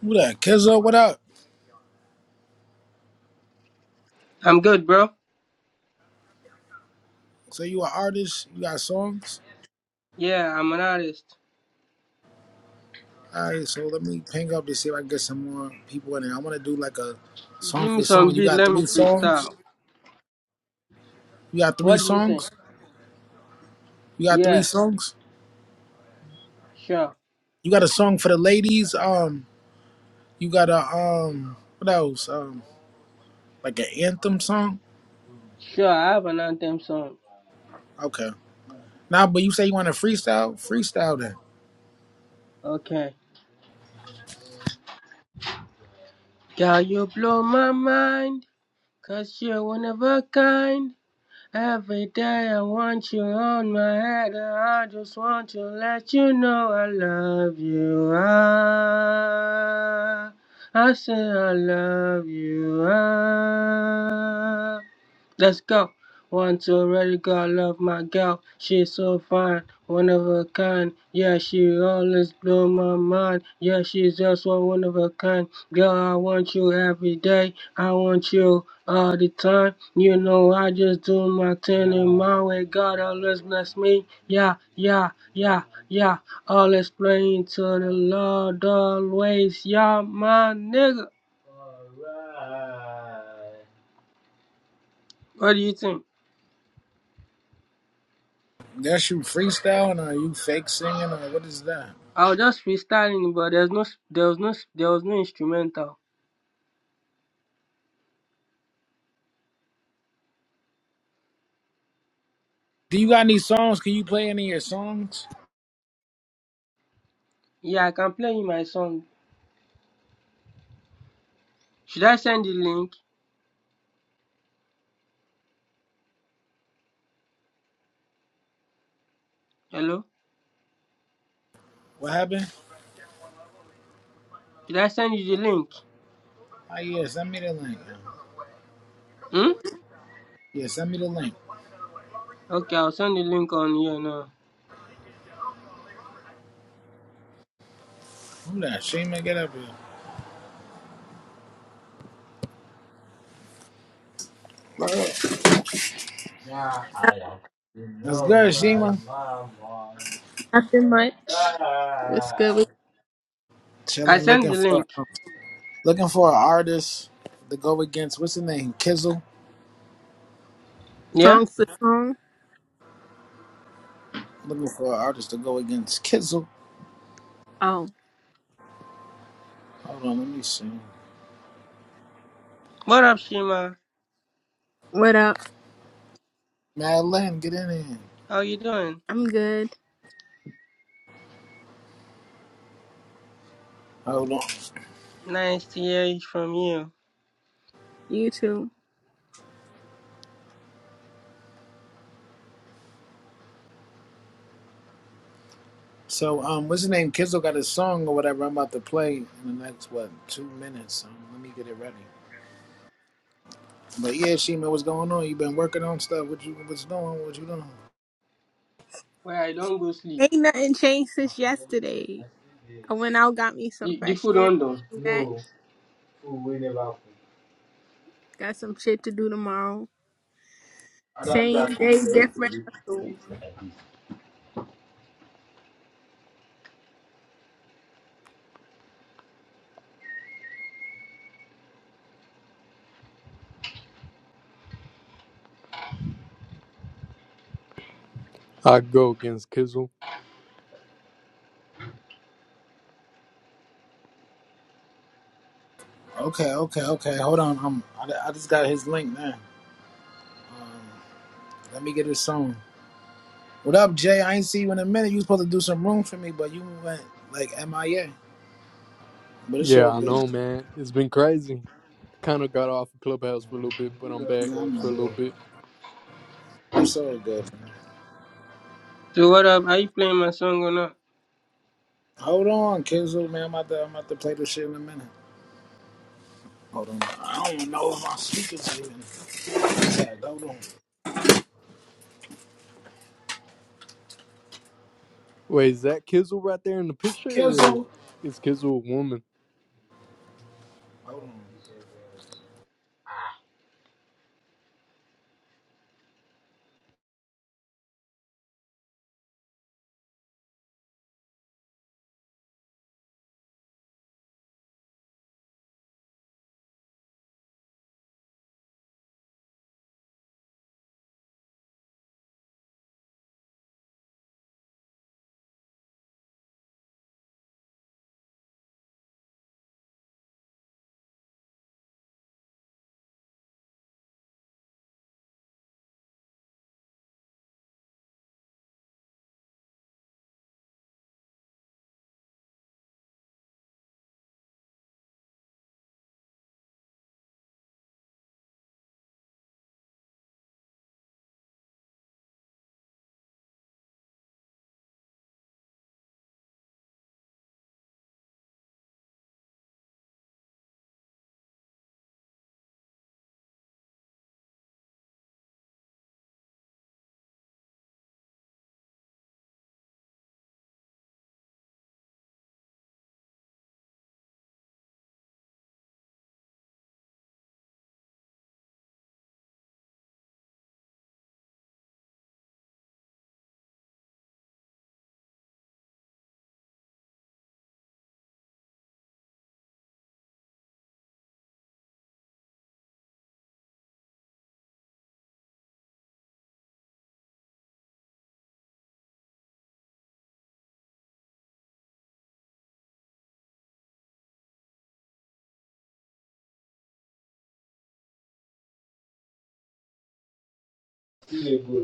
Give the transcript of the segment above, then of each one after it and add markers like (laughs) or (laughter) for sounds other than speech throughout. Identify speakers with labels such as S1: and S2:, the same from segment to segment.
S1: Who that? Kizzo, what up?
S2: I'm good, bro.
S1: So you an artist? You got songs?
S2: Yeah, I'm an artist.
S1: All right, so let me ping up to see if I can get some more people in there. I want to do like a
S2: Give
S1: song
S2: me
S1: for
S2: some
S1: song. You
S2: beat,
S1: got
S2: let me
S1: three songs?
S2: freestyle.
S1: You got three
S2: What do you say?
S1: songs? You got three
S2: Yeah,
S1: songs?
S2: sure.
S1: You got a song for the ladies? Um, you got a um, what else? Um, like an anthem song?
S2: Sure, I have an anthem song.
S1: Okay. Nah, but you say you want to freestyle? Freestyle then.
S2: Okay. Girl, you blow my mind, cause you're one of a kind. Every day I want you on my head, and I just want to let you know I love you. Ah, I say I love you. Ah. Let's go. Want to already God love my gal. She's so fine, one of a kind. Yeah, she always blow my mind. Yeah, she's just one one of a kind. Girl, I want you every day. I want you all the time. You know, I just do my thing in my way. God always bless me. Yeah, yeah, yeah, yeah. Always praying to the Lord always. Yeah, my nigga. What do you think?
S1: That's you freestyling or you fake singing or what is that?
S2: I was just freestyling, but there's no, there was no, there was no instrumental.
S1: Do you got any songs? Can you play any of your songs?
S2: Yeah, I can play you my song. Should I send the link? Hello?
S1: What happened?
S2: Should I send you the link?
S1: Oh yeah, send me the link.
S2: Hmm?
S1: Yeah, send me the link.
S2: Okay, I'll send the link on here now.
S1: Who that? Shima, get up here. Right.
S2: Yeah, I am. You
S1: That's
S2: know
S1: good, Shima.
S2: I'm on
S3: Nothing much. What's good
S2: fire.
S3: with
S2: I
S1: Chilling,
S2: sent
S1: looking
S2: the
S1: for
S2: link.
S1: um, looking for an artist to go against. What's the name? Kizzle.
S2: Yeah?
S3: song for song?
S1: Looking for an artist to go against Kizzle.
S3: Oh,
S1: Hold on, let me see.
S2: What up, Shima?
S3: what up?
S1: Madeline, get in here.
S2: How you doing?
S3: I'm good.
S1: Hold on.
S2: Nice to hear it from you.
S3: You too.
S1: So, um, what's the name? Kizzle got a song or whatever. I'm about to play in the next what two minutes. Um, let me get it ready. But yeah, Shima, what's going on? You been working on stuff? What you what's going? on? What you doing?
S2: Well, I don't go sleep.
S3: Ain't nothing changed
S2: I
S3: since yesterday.
S2: see the-
S3: I went out, got me some
S2: The, the
S3: fresh
S2: food
S3: air.
S2: on though.
S3: came Back,
S2: No, food we never cook.
S3: got some shit to do tomorrow. Same day, different. hustle.
S2: like
S4: I go against Kizzle.
S1: Okay, okay, okay. Hold on. Um, I, I just got his link now. Let me get his song. What up, Jay? I ain't see you in a minute. You was supposed to do some room for me, but you went like MIA. But it's
S4: Yeah,
S1: all
S4: I
S1: good.
S4: know, man. It's been crazy. Kind of got off of Clubhouse for a little bit, but I'm
S2: So,
S4: back
S1: Yeah, I
S2: so,
S4: for a
S1: know.
S4: little
S2: so,
S4: bit.
S1: It's all good. Man.
S2: So what up? Are you playing my song or not?
S1: Hold on, Kizzle, man. I'm about, to, I'm about to play this shit in a minute. Hold on. I don't even know if my speakers are even tagged. Hold on.
S4: Wait, is that Kizzle right there in the picture, or
S1: Kizzle.
S4: is Kizzle a woman?
S1: Hold on.
S2: you uh,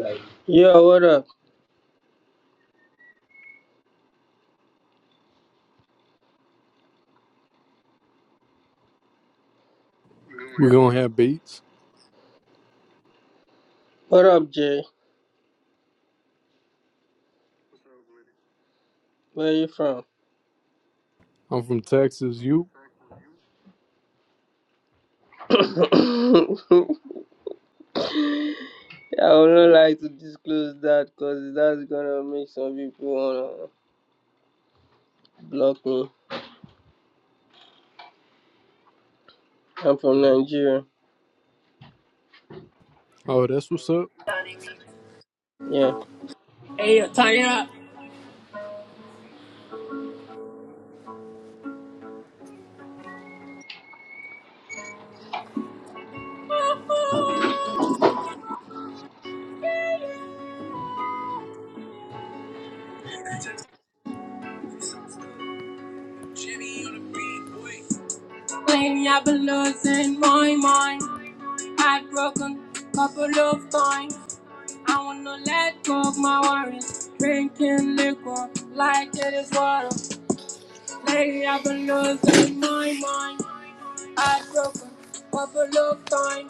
S2: like Yo, what up?
S4: We're gonna have beats.
S2: What up, Jay? Where you from?
S4: I'm from Texas. You?
S2: (coughs) I would not like to disclose that because that's gonna make some people wanna block me. I'm from Nigeria.
S4: Oh, that's what's up.
S2: Yeah.
S1: Hey, yo, Tanya. Playing I've been losing my mind. Heartbroken couple of times. I wanna let go of my worries, drinking liquor like it is water. Lately I've been losing my mind, I've broken overlooked time.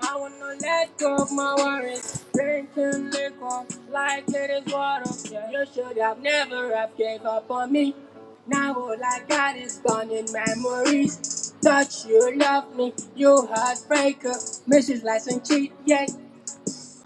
S1: I wanna let go of my worries, drinking liquor like it is water. Yeah, you should have never have gave up on me. Now all I got is gone in memories. Thought you loved me, you heartbreaker. Mrs. License cheat, yeah,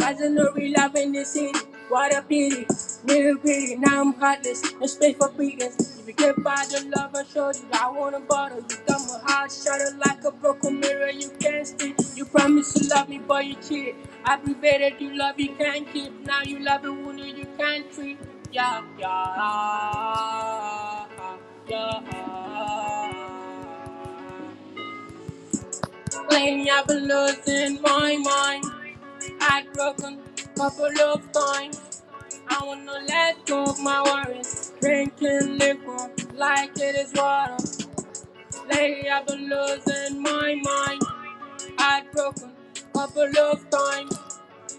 S1: I don't know love in this city. What a pity. Real pity. Now I'm heartless. No space for beatings. If you get by the love I showed you, I want to bottle. You got my heart shattered like a broken mirror. You can't see. You promised to love me, but you cheated. I prevented you love you can't keep. Now you love a woman you can't treat. Yeah, yeah, yeah. Lately I've been losing my mind. Heart broken, couple of times. I wanna let go of my worries. Drinking liquor like it is water. Lately I've been losing my mind. Heart broken, couple of times.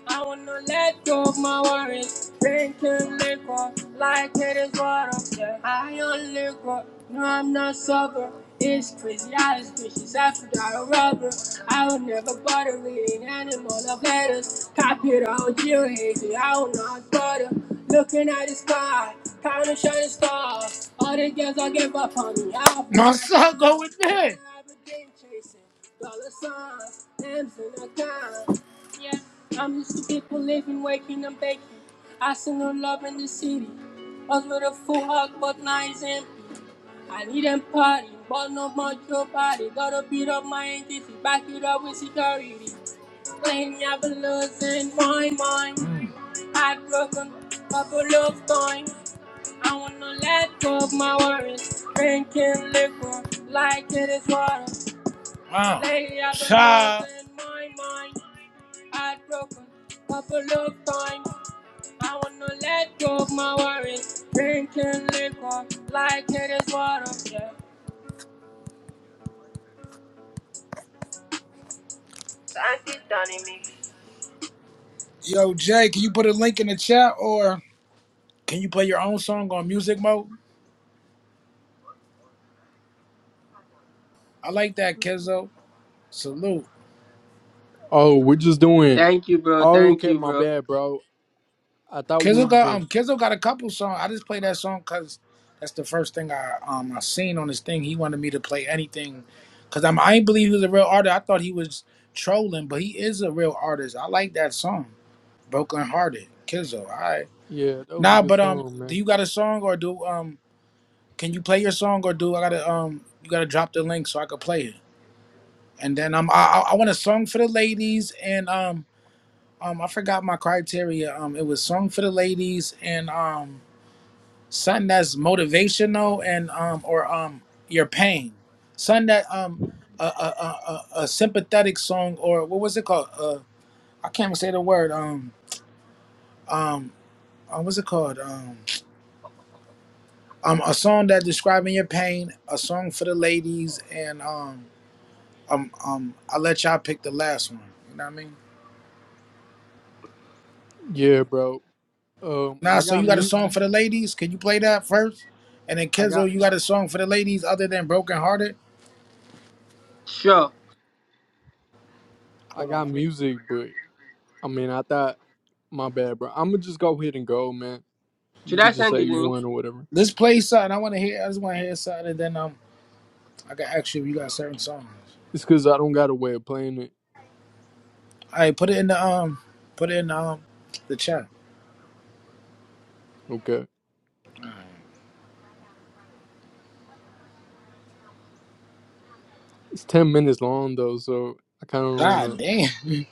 S1: I wanna let go of my worries. Drinking liquor like it is water. Yeah, high on liquor. No, I'm not sober. It's crazy how this bitch is after a rubber. I would never bother reading animal of letters. Copy it all, you hazy. I will not bother. Looking at the sky, counting shining stars. All the girls I give up on me. I'll My son go with me. I've been chasing dollar signs, M's in a dime. Yeah, I'm used to people living, waking and baking. I see no love in the city. I was with a full hug, but now it's empty. I need a party, but no more your party. Gotta beat up my entity, back it up with security. Claim I've been losing my mind. Heartbroken, couple of times. I wanna let go of my worries. Drinking liquor like it is water. Lately, I've been Child. losing my mind heartbroken, couple of times. I wanna let go of my worries, drinking liquor like it is water. Yeah. Yo, Jay, can you put a link in the chat or can you play your own song on music mode? I like that, Kizzo. Salute.
S4: Oh, we're just doing.
S2: Thank you, bro.
S4: Oh,
S2: Thank
S4: okay,
S2: you,
S4: my
S2: bro.
S4: bad, bro. I thought we
S1: Kizzo
S4: were
S1: got
S4: gonna.
S1: um Kizzo got a couple songs. I just played that song cause that's the first thing I um I seen on this thing. He wanted me to play anything. Cause I'm I ain't believe he was a real artist. I thought he was trolling, but he is a real artist. I like that song. Broken Hearted, Kizzo. All right.
S4: Yeah, that was a
S1: Nah,
S4: good
S1: but um,
S4: song,
S1: do
S4: man.
S1: you got a song or do um? Can you play your song or do I gotta um? You gotta drop the link so I could play it. And then um, I I I want a song for the ladies and um um I forgot my criteria. Um, it was song for the ladies and um something that's motivational and um or um your pain, something that um a a a, a a sympathetic song or what was it called? Uh, I can't even say the word. Um um, uh, what's it called? Um um a song that describing your pain, a song for the ladies, and um um um I'll let y'all pick the last one. You know what I mean?
S4: Yeah, bro. Um,
S1: Nah,
S4: I
S1: so
S4: got
S1: you got a
S4: mute.
S1: song for the ladies? Can you play that first? And then
S4: I got.
S1: Kenzo, you got a song for the ladies other than Broken Hearted?
S2: Sure.
S4: I
S1: Hold on,
S4: got
S1: let me
S4: music, but I mean, I thought. My bad, bro. I'm gonna just go ahead and go, man.
S2: Should
S4: You could
S2: I
S4: just
S2: send
S4: say
S2: the
S4: you
S2: link?
S4: won or whatever.
S1: let's play something. I wanna hear I just wanna hear something and then um I can ask you if you got certain songs.
S4: It's because I don't got a way of playing it.
S1: Alright, put it in the um put it in um the chat.
S4: Okay. It's 10 minutes long, though, so I kind of don't want
S1: God
S4: to.
S1: damn. (laughs)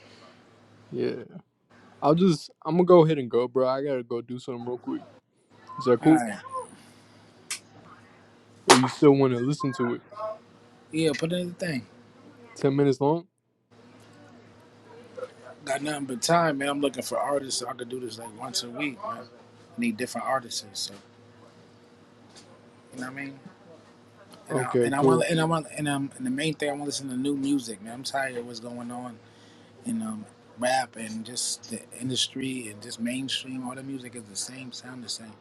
S4: Yeah. I'll just, I'm going to go ahead and go, bro. I got to go do something real quick. Is that cool?
S1: Alright.
S4: Or you still want to listen to it?
S1: Yeah, put it in the thing.
S4: 10 minutes long?
S1: Got nothing but time, man. I'm looking for artists. so I could do this like once a week, man. I need different artists, so you know what I mean. And I
S4: Okay,
S1: and I
S4: cool.
S1: want and I want and um and the main thing I want to listen to new music, man. I'm tired of what's going on in um rap and just the industry and just mainstream. All the music is the same, sound the same.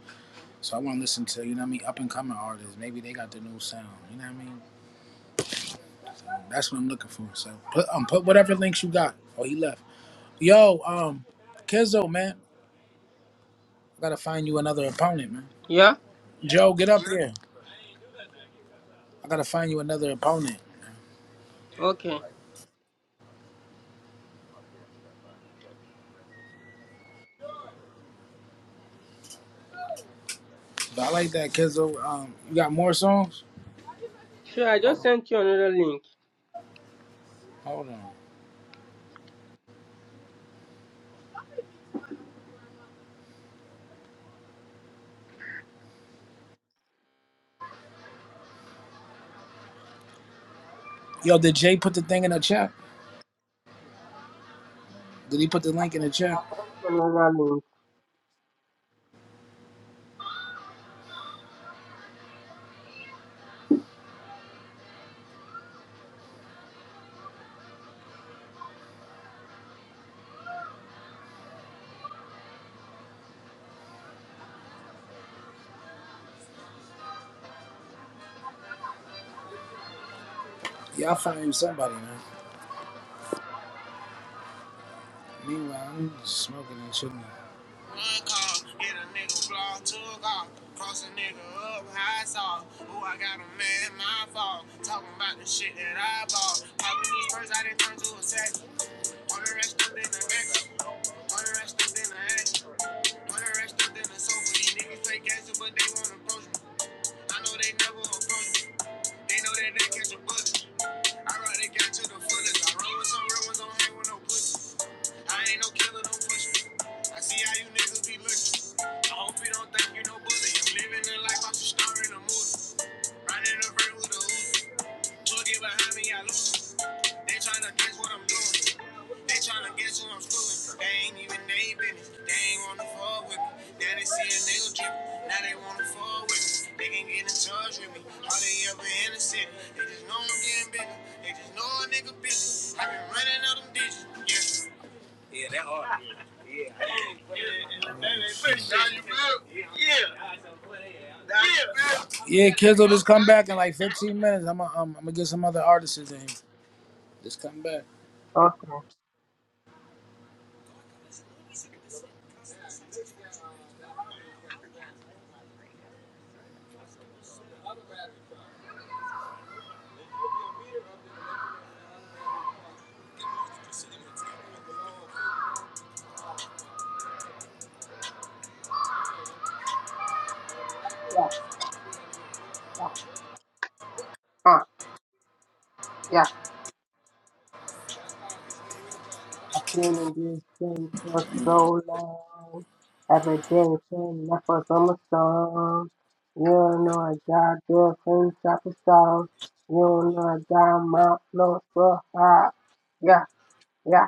S1: So I want to listen to you know what I mean, up and coming artists. Maybe they got the new sound. You know what I mean. That's what I'm looking for. So put um put whatever links you got. Oh, he left. Yo, um, Kizzo, man, I gotta find you another opponent, man.
S2: Yeah?
S1: Joe, get up here. I gotta find you another opponent.
S2: Okay.
S1: But I like that, Kizzo. Um, you got more songs?
S2: Sure, I just
S1: Hold,
S2: sent you another link.
S1: hold on. Yo, did Jay put the thing in the chat? Did he put the link in the chat?
S2: Another link.
S1: Yeah, I'll find you somebody, man. Meanwhile, I'm just smoking and shit. Yeah, Kizzo, just come back in like 15 minutes. I'm gonna I'm, I'm gonna get some other artists in here. Just come back.
S2: Okay. Yeah. yeah. Uh, yeah, I've been in this game for so long. Every day playing left for summer song. You don't know I got girlfriends out the stars. You don't know I got my flow so hot. Yeah, yeah.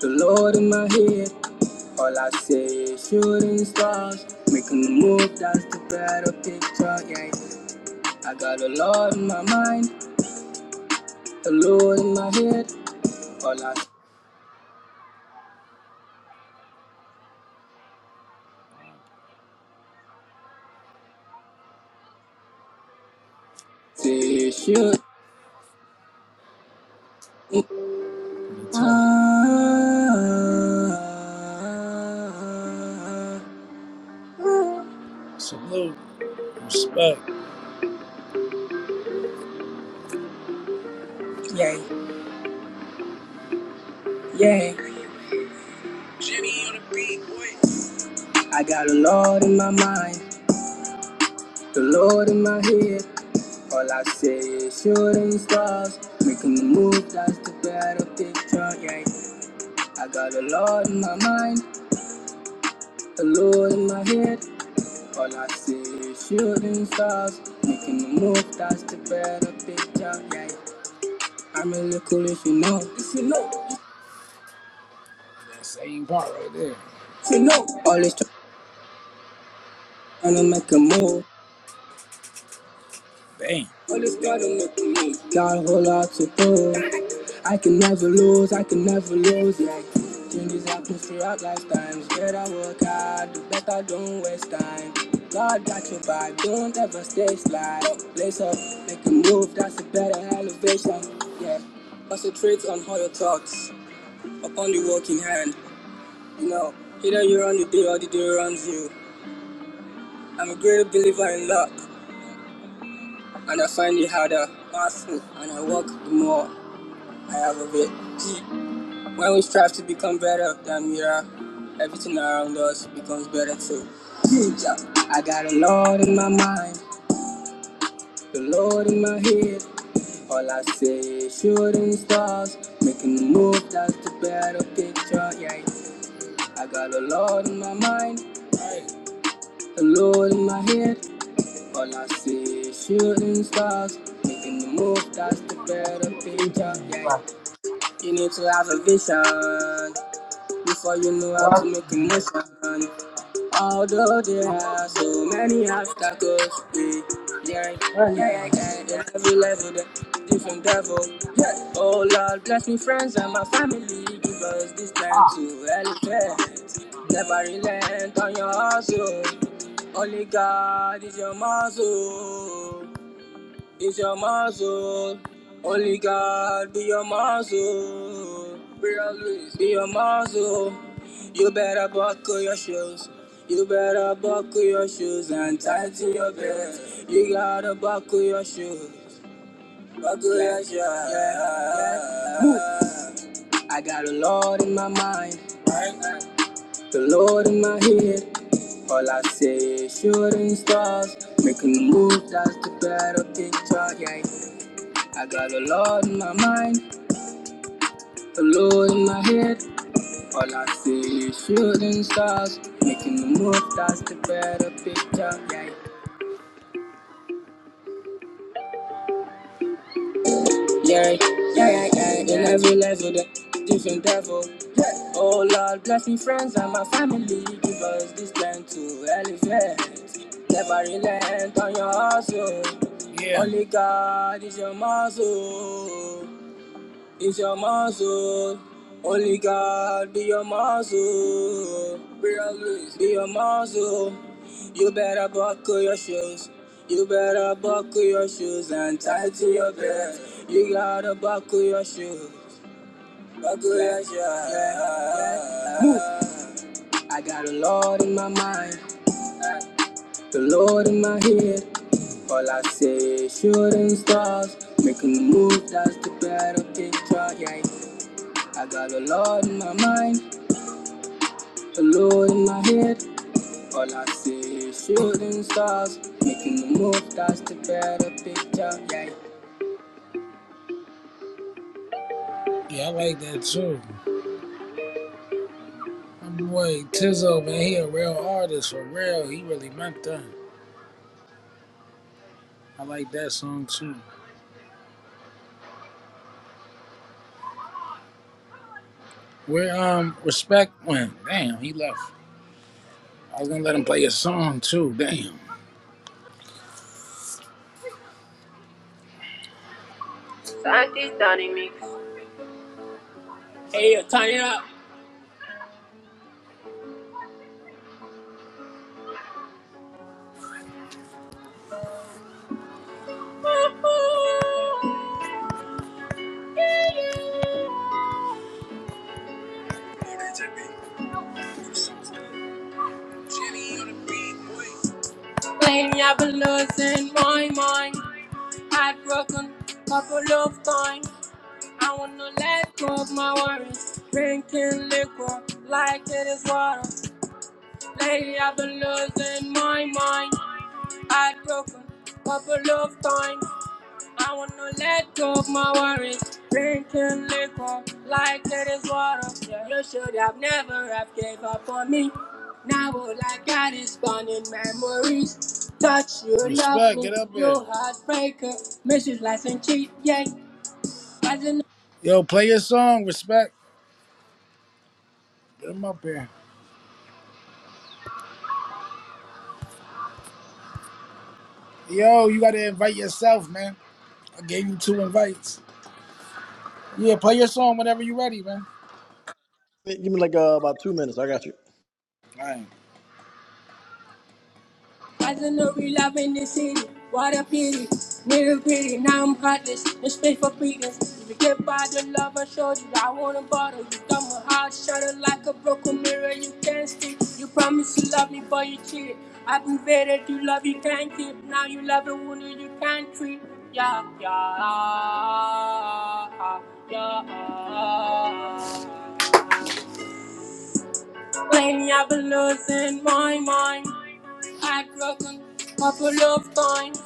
S1: The Lord in my head, all I say is shooting stars. Making the move, that's the better picture, yeah. I got a lot in my mind, alone in my head, all I see is shit. Salute. Respect. Yeah, I got a Lord in my mind, the Lord in my head. All I say is shooting stars, making the move, that's the better picture. Yeah, I got a Lord in my mind, the Lord in my head. All I say is shooting stars, making the move, that's the better picture. Yeah, I'm really cool if you know. if you know. That same part right there. You know, all always trying to make a move. Bang. All Always trying to make a move. Got a whole lot to prove. I can never lose, I can never lose. Yeah, change this atmosphere up lifetimes. Better work hard, do better, don't waste time. God got your vibe, don't ever stay slide. Lace up, make a move, that's a better elevation. Yeah, concentrate on all your thoughts, upon the work in hand. You know, either you run the day or the day runs you. I'm a great believer in luck, and I find it harder, master, and I work the more I have of it. See, when we strive to become better than we are, everything around us becomes better too. Yeah. I got a Lord in my mind, the Lord in my head. All I say is shooting stars, making a move that's the better picture. Yeah, I got a Lord in my mind, the Lord in my head. All I see is shooting stars, making the move, that's the better picture. Yeah, you need to have a vision before you know how to
S2: That's
S1: make a motion. Although there are so many obstacles, we yeah, yeah,
S2: funny,
S1: yeah,
S2: Tommy.
S1: yeah. At every level, the different devil. Yeah. Oh Lord, bless me, friends and my family. Give us this time to elevate. Never relent on your hustle. Only God is your muscle. It's your muscle. Only God be your muscle. Be be your muscle. You better buckle your shoes. You better buckle your shoes and tighten your belt. You gotta buckle your shoes. Buckle your shoes. Yeah. Move. I got a Lord in my mind, the Lord in my head. All I say is shooting stars, making the move, that's the better picture, yeah. I got a lot in my mind, a lot in my head. All I see is shooting stars, making the move, that's the better picture. Yeah, yeah, yeah, yeah. yeah. In every level, the different devil. Yeah. Oh Lord, bless me, friends and my family. Give us this strength to elevate. Never relent on your hustle. Yeah. Only God is your muscle. It's your muscle. Only God be your muscle. Real Luis, be your muscle. You better buckle your shoes. You better buckle your shoes and tie to your belt. You gotta buckle your shoes. Buckle your shoes. Move. I got a Lord in my mind. The Lord in my head. All I say is shooting stars. Making a move, that's the better picture, yeah. I got a lot in my mind, a load in my head. All I see is shooting stars, making the move, that's the better picture, yeah. Yeah, I like that too. My boy Tizzo, man, he a real artist for real. He really meant that. I like that song too. Where um respect went. Damn, he left. I was gonna let him play a song too. Damn. Hey, yo, turn it up. Lately I've been losing my mind, heartbroken, couple of times. I wanna let go of my worries. Drinking liquor like it is water. Lately I've been losing my mind. I broken up a love time. I wanna let go of my worries. Drinking liquor like it is water. Yeah, you should have never have gave up on me. Now all I got is burning memories. Touch you love Respect, love me, get up you here. You heartbreaker. Mrs. License cheat, yeah. I did Yo, play your song, respect. Get him up here. Yo, you gotta invite yourself, man. I gave you two invites. Yeah, play your song whenever you're ready, man. All right. I don't know we love in the city. What a pity. Nigga gritty, now I'm godless. No space for pretense. If you get by the love I showed you, I won't bother you. Got my heart shattered like a broken mirror. You can't speak. You promised you love me, but you cheated. I've invaded you love you can't keep. Now you love a woman you can't treat. Yeah, yeah, yeah. Lately I've been losing my mind. I've broken couple of times.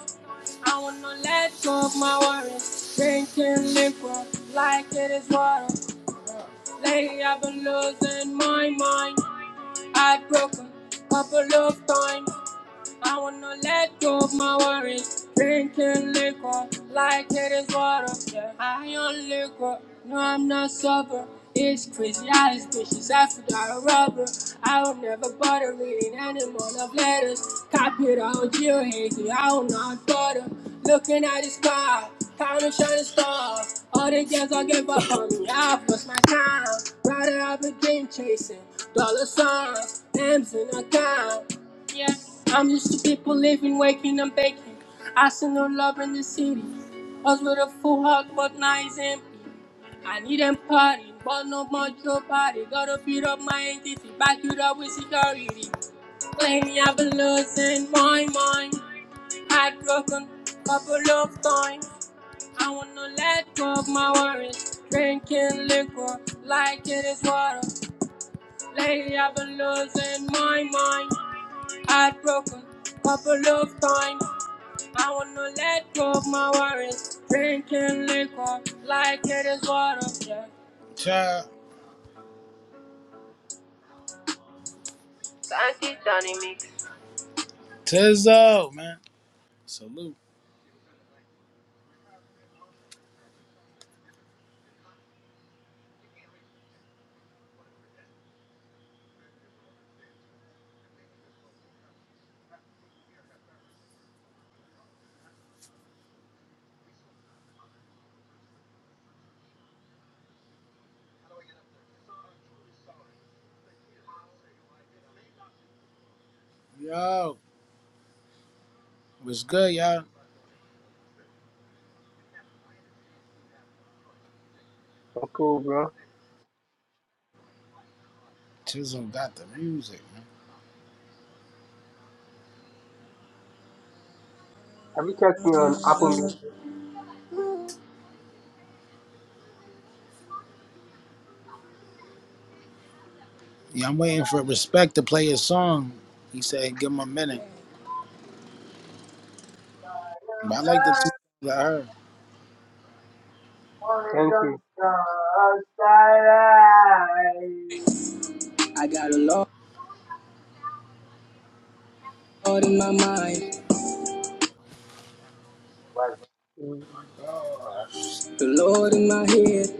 S1: I wanna let go of my worries. Drinking liquor like it is water. Lately I've been losing my mind. I've broken a couple of times. I wanna let go of my worries. Drinking liquor like it is water. Yeah, high on liquor. No, I'm not sober. It's crazy how this bitch is after a rubber. I will never bother reading any more love letters. Copy it all with you, hazy. I will not bother. Looking at this car, counting shining stars. All the girls all give up on me. I've lost my time. Rather I've been dream chasing. Dollar signs, M's in account. Yeah, I'm used to people living, waking and baking. I see no love in the city. I Was with a full heart, but now it's empty. I need them party, but no more your party. Gotta beat up my entity, back it up with security. Claim me, I've been losing my mind. Heartbroken, couple of times. I wanna let go of my worries. Drinking liquor like it is water. Lately, I've been losing my mind heartbroken. Couple of time, I wanna let go of my worries. Drinking liquor like it is water. Yeah. Child, Tizzo, man. Salute, yo. What's good, y'all?
S2: So cool, bro.
S1: Tizzo got the music, man.
S2: Have you checked me on Apple Music?
S1: Yeah, I'm waiting for Respect to play his song. He said, "Give him a minute." But I like the two that I heard.
S2: Thank you.
S1: I got a lot in my mind.
S2: Mm.
S1: The Lord in my head,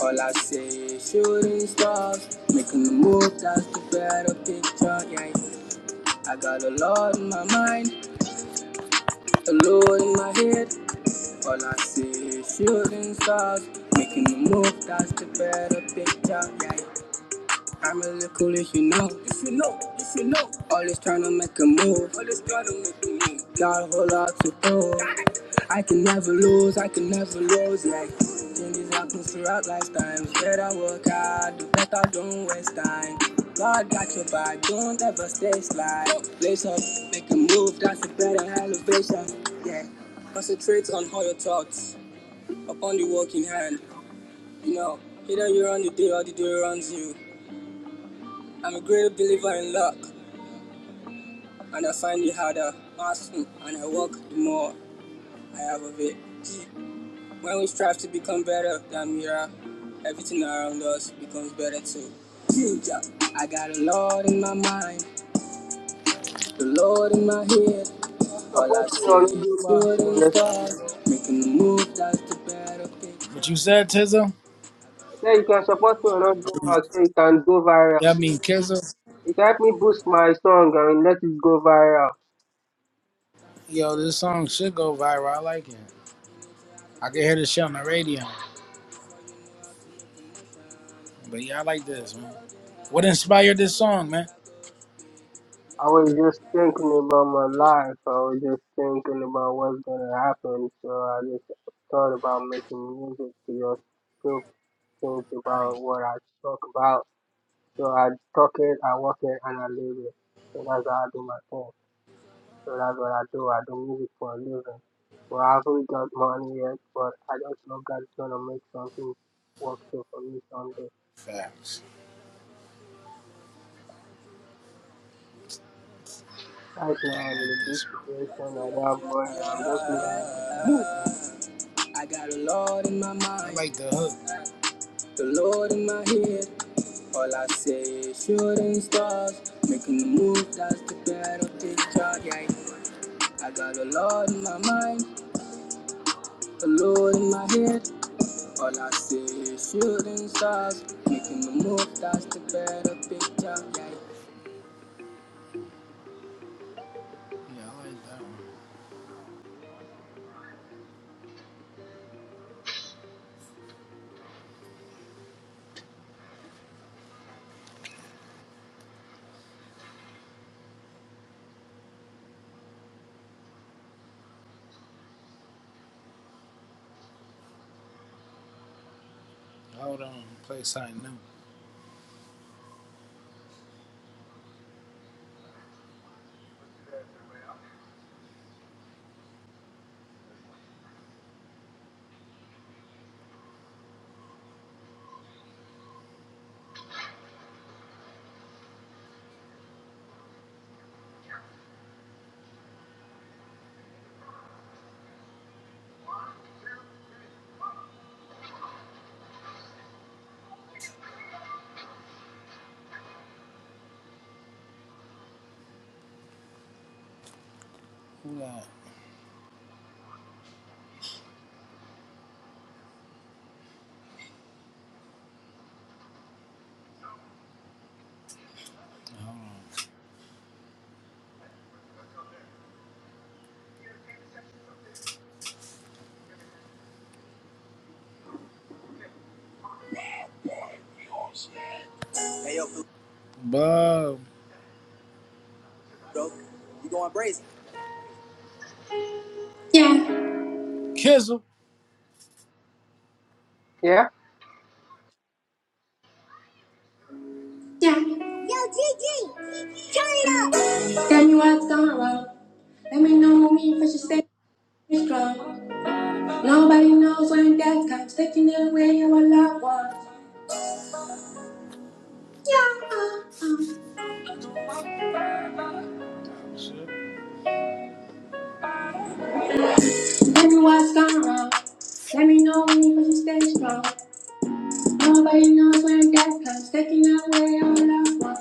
S1: all I say is shooting stars, making the move, that's the better picture, yeah. I got the Lord in my mind, the Lord in my head, all I say is shooting stars, making the move, that's the better picture, yeah. I'm a little cool if you know. If you know, if you know. All this trying to make a move. All this trying to make a move. Got a whole lot to prove. I can never lose, I can never lose. Like, changes happen throughout lifetimes. Better work hard, the better don't waste time. God got your back, don't ever stay slide. Lace up, make a move, that's a better elevation. Yeah. Concentrate on how your thoughts, upon the work in hand. You know, either you run the day or the day runs you. I'm a great believer in luck, and I find it harder, awesome, and I work the more I have of it. When we strive to become better than we are, everything around us becomes better too. Future. I got a Lord in my mind, the Lord in my head. All I
S2: Support me
S1: say
S2: on
S1: is
S2: Audio Max, you
S1: shooting
S2: understand,
S1: stars,
S2: bro?
S1: making the move that's the better picture. What you said, Tizzo?
S2: Yeah, you can support me on Audio Max so it can go viral.
S1: Yeah, I mean Kizzo.
S2: It helped me boost my song and let it go viral.
S1: Yo, this song should go viral. I like it. I can hear the shit on the radio. But yeah, I like this, man. What inspired this song, man?
S2: I was just thinking about my life. I was just thinking about what's gonna happen. So I just thought about making music to just think, think
S1: All right,
S2: about what I talk about. So I talk it, I work it, and I live it. So that's how I do my thing. So that's what I do. I do music for a living. Well, I haven't got money yet, but I just know God's gonna make something work through for me someday.
S1: facts.
S2: Right now, I'm in a big situation. I don't have money. I'm just living in my first place.
S1: I got the Lord in my mind. I like the hook. The Lord in my head. All I say is shooting stars. Making the move, that's the battle picture, yeah. yeah. I got the Lord in my mind. The Lord in my head. All I say is shooting stars. Making the move, that's the battle picture, yeah. Yeah, I like that. Hold on, play something new. Hold on. Hey, yo, Bob. bro. You going brazen. Yeah, Kizzle.
S2: Yeah.
S1: yeah. Yo, GG, turn it up. Got you out the sorrow. Let me know me for you stay strong. Nobody knows when that comes, taking it away your loved ones. Yeah. Let me what's gone wrong. Let me know when you stay strong. Nobody knows when death comes, taking it away our loved ones.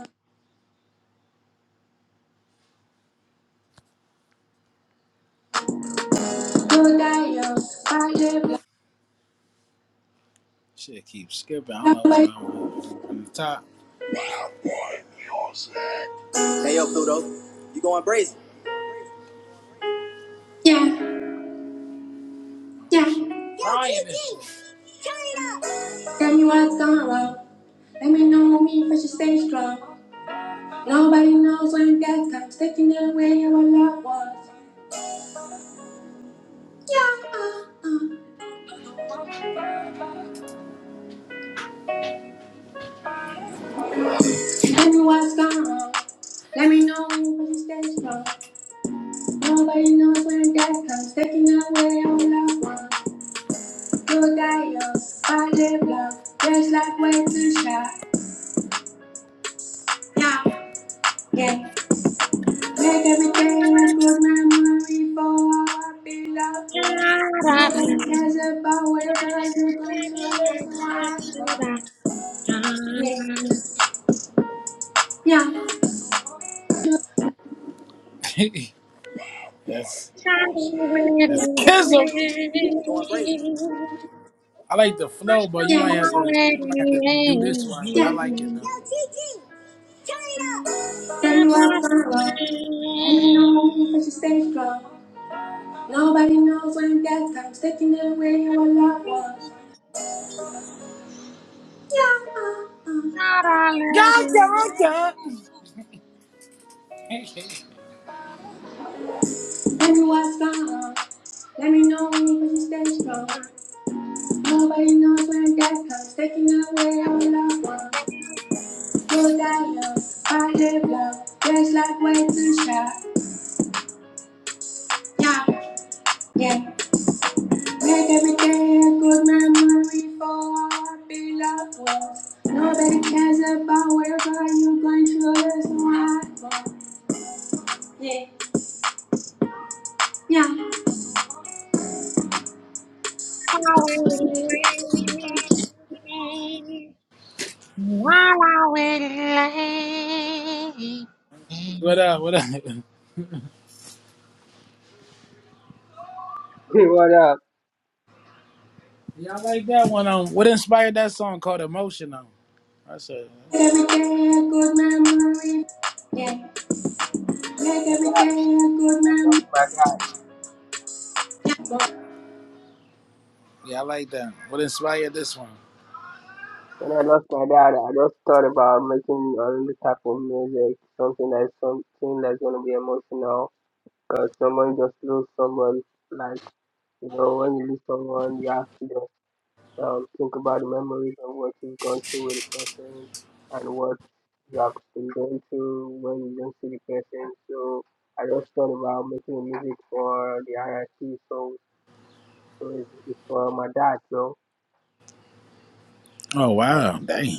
S1: You'll die young, live Shit keeps skipping. I don't know what's going on. From the top. Hey, yo, Pluto, you going brazen? Yeah, yeah. Brian is. Tell me what's gone wrong. Let me know me first you stay strong. Nobody knows when that comes taking it away our loved was. Yeah, uh, uh. Tell me what's gone wrong. Let me know you first you stay strong. Nobody knows when that comes taking it away our loved was. You die young, I live long, just like way too shy. Yeah, yeah. Make
S5: Thank
S1: everything that was memory for our beloved. was. No one Nobody cares about whatever I do, but it's what I Yeah. (laughs) that's that's Kizzle. I like the flow, but you might Yeah. have to you might have to redo this one. But I Yeah. like it though. Then you are solo. Let me know if I should stay strong. Nobody knows when that time's taking away our loved ones. Yeah. (laughs) Let me what's wrong. Let me know when you stay strong. Nobody knows when that comes. Taking away all loved ones. Feel that love. I live love. Just like way too sharp. Yeah, yeah. Make every day a good memory for our beloved ones. Nobody cares about whatever you're going through. That's why I want. Yeah, yeah.
S5: you. While I will lay,
S1: What up? What up? (laughs)
S2: (laughs) what up?
S1: Yeah, I like that one. Um, what inspired that song called Emotional? I said, Make every day a good memory. Yeah. Make every day a good
S2: I lost
S1: memory.
S2: my dad.
S1: yeah, I like that. What inspired this one?
S2: When I lost my dad, I just thought about making another type of music, something that's something that's gonna be emotional. Cause someone just lose someone, like you know, when you lose someone, you have to just um, think about the memories and what you've gone through with the person and what you have been going through when you don't see the person. So I just thought about making music for the RIP. So so it's, it's for my dad, so
S1: Oh wow, dang!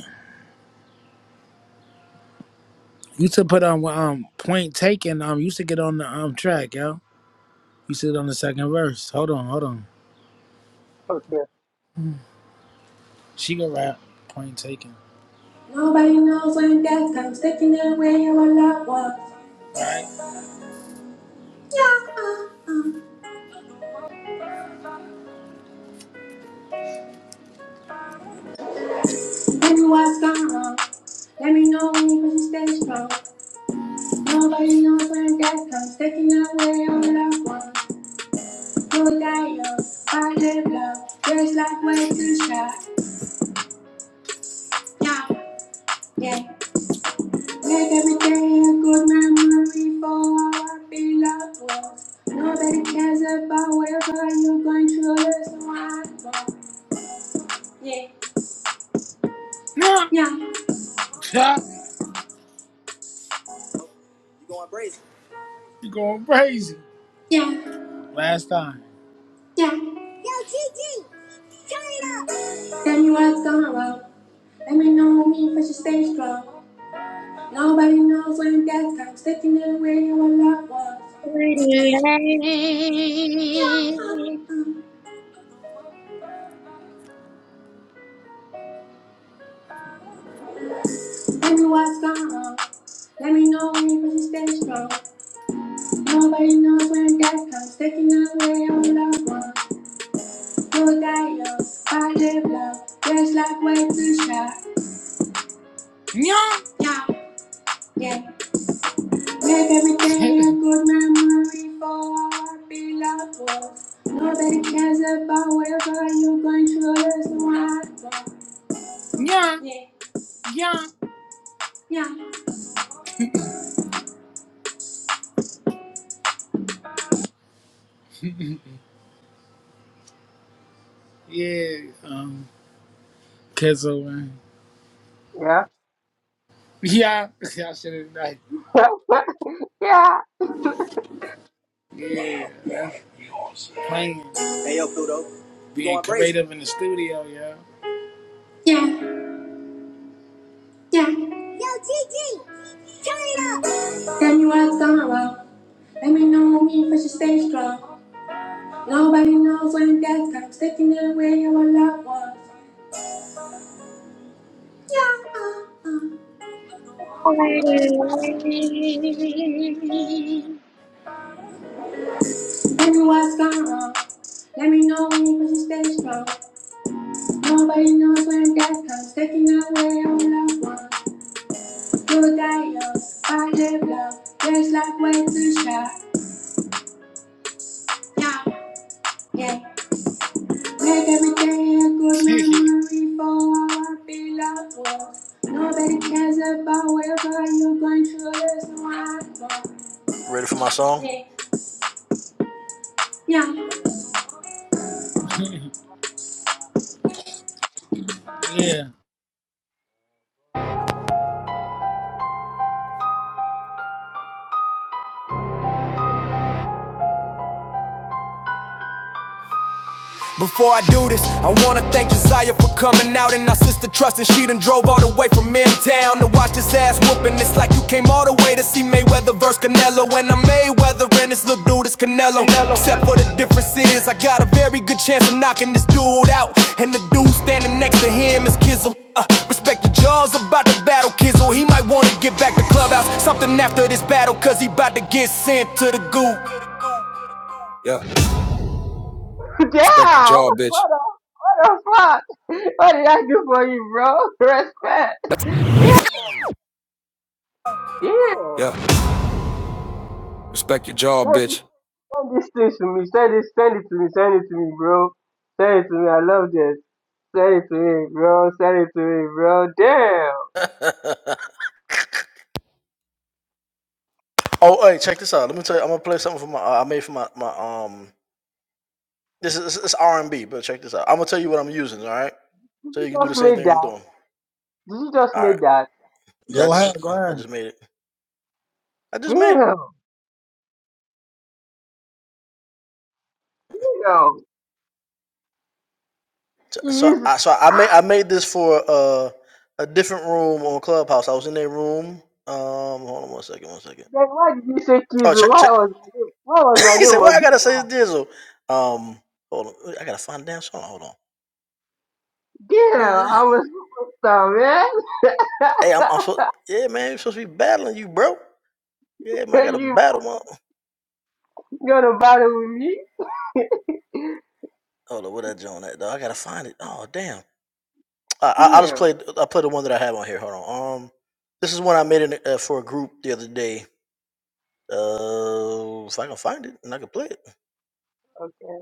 S1: Used to put on um point taken. Um, used to get on the um track, yo. Used to get on the second verse. Hold on, hold on.
S2: okay,
S1: She can rap. Point taken. Nobody knows when death comes taking away our loved ones. Yeah. Tell me what's going on. Let me know when you push and stay strong. Nobody knows when death comes, taking away all loved ones. Who die young, I live love. There's life way too short. Yeah, yeah. Make every day a good memory for our beloved ones. Nobody cares about whatever you're going through. There's no one more. Yeah, Yeah. yeah, Yeah. You going crazy. Yeah. Last time. Yeah. Yo, Gigi, turn it up. Tell me what's going wrong. Let me know me for she stay strong. Nobody knows when that comes taking away what loved ones.
S5: will lay,
S1: Yeah. uh, uh. Tell me what's going wrong. Let me know me for she stay strong. Nobody knows when that comes taking away what loved ones. No dialogue, bad love, just like way too sharp. Yeah. Yeah. Yeah. Let everything a good memory for our beloved ones. Nobody cares about whatever you're going through. That's what Yeah, Yeah, yeah, (laughs) yeah. yeah. Um, Kezo man.
S2: yeah.
S1: Yeah, (laughs) I should have like,
S2: (laughs) yeah.
S1: yeah, man. playing, being Going crazy. creative in the studio, yeah. Yeah, yeah. Yo, GG, turn it up. Tell me what's going wrong. Let me know if I should stay strong. Nobody knows when death comes, taking away our loved ones. Yeah, uh, uh.
S5: will lay.
S1: Tell me what's gone wrong. Let me know when you stay strong. Nobody knows when death comes, taking away our loved ones. You'll die young, but live long. There's life way too short. Yeah, yeah. Make every day a good memory for our beloved ones. Nobody cares about whatever you're going through. There's no one. Yeah, yeah. Yeah.
S6: Before I do this, I wanna thank Josiah for coming out and our sister Trustin' she done drove all the way from in town to watch his ass whooping. It's like you came all the way to see Mayweather versus Canelo, and I'm Mayweather and this little dude is Canelo. Except for the difference is I got a very good chance of knocking this dude out, and the dude standing next to him is Kizzle. Uh, respect the jaws about to battle Kizzle. He might wanna get back to clubhouse, something after this battle, cause he about to get sent to the goop. Yeah,
S2: Damn!
S6: respect your
S2: What
S6: jaw, bitch.
S2: the, what the fuck? What did I do for you, bro? (laughs) Respect. Damn, damn.
S6: Yeah, respect your jaw,
S2: Send,
S6: bitch.
S2: send this thing to me. Send it, send it to me. Send it to me, bro. Send it to me. I love this. Send it to me, bro. Send it to me, bro. Damn. Did you just make that? Did you just make that?
S1: Go ahead, go ahead.
S2: Damn. Damn. You used, then why did you say Kizu? Why was my name? Why was my name on the Damn, I'm a superstar, man. (laughs) you gonna battle with me? Damn. Okay.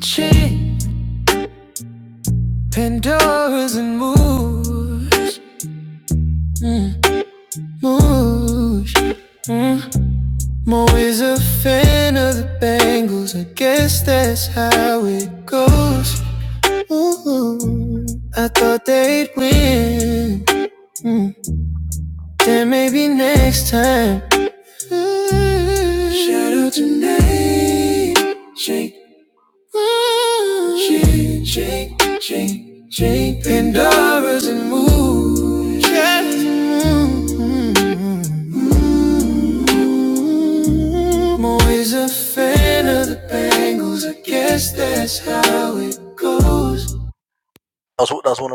S6: Chipping doors and moves, mm, moves. Mm. I'm always a fan of the Bengals. I guess that's how it goes. Ooh, I thought they'd win. Mm. Then maybe next time. Shout out to Nate, Jake She, she, she, she, Pandora's in mood. Yeah. Mm. I'm always a fan of the Bangles. I guess that's how it goes.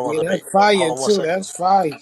S1: Yeah, that's fire too. That's fire.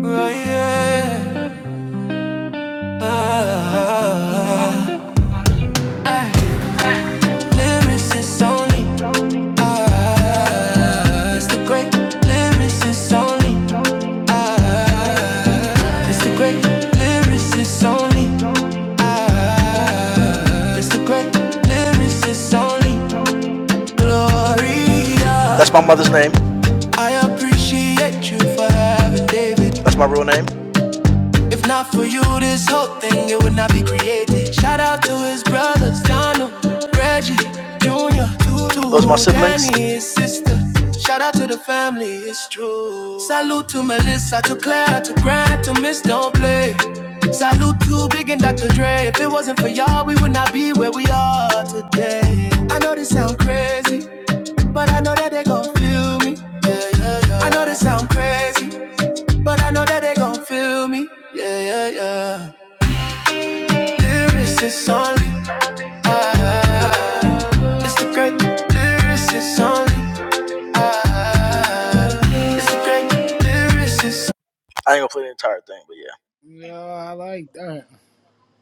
S6: Oh, yeah. Ah, ah, ah. lyricist only. It's the great lyricist only. It's the great lyricist only. It's the great lyricist only Gloria. I appreciate you for having David. If not for you, this whole thing it would not be created. Shout out to his brothers, Donald, Reggie, Junior, Tutu, and his sister. Shout out to the family, it's true. Salute to Melissa, to Claire, to Grant, to Miss Don't Play. Salute to Big and Dr. Dre. If it wasn't for y'all, we would not be where we are today. I know this sound crazy. but I know that they gon' feel me. Yeah, yeah, yeah. I know this sound crazy, but I know that they gon' feel me. Yeah, yeah, yeah. Lyrics is only, ah, it's the great. Lyrics is only, ah, it's the great. Lyrics is,
S1: Yeah, I like that.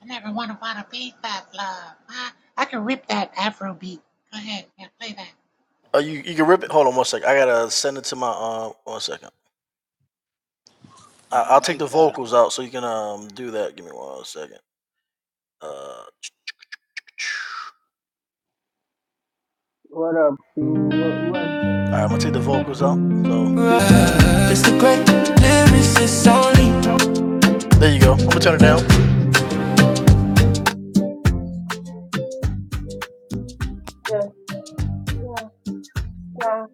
S5: I never want to want to be that love. I, I can rip that Afro beat. Go ahead, yeah, play that.
S2: What up, Q? What, what's going on?
S6: it's the great. Lyrics is only.
S2: Yeah, yeah, yeah,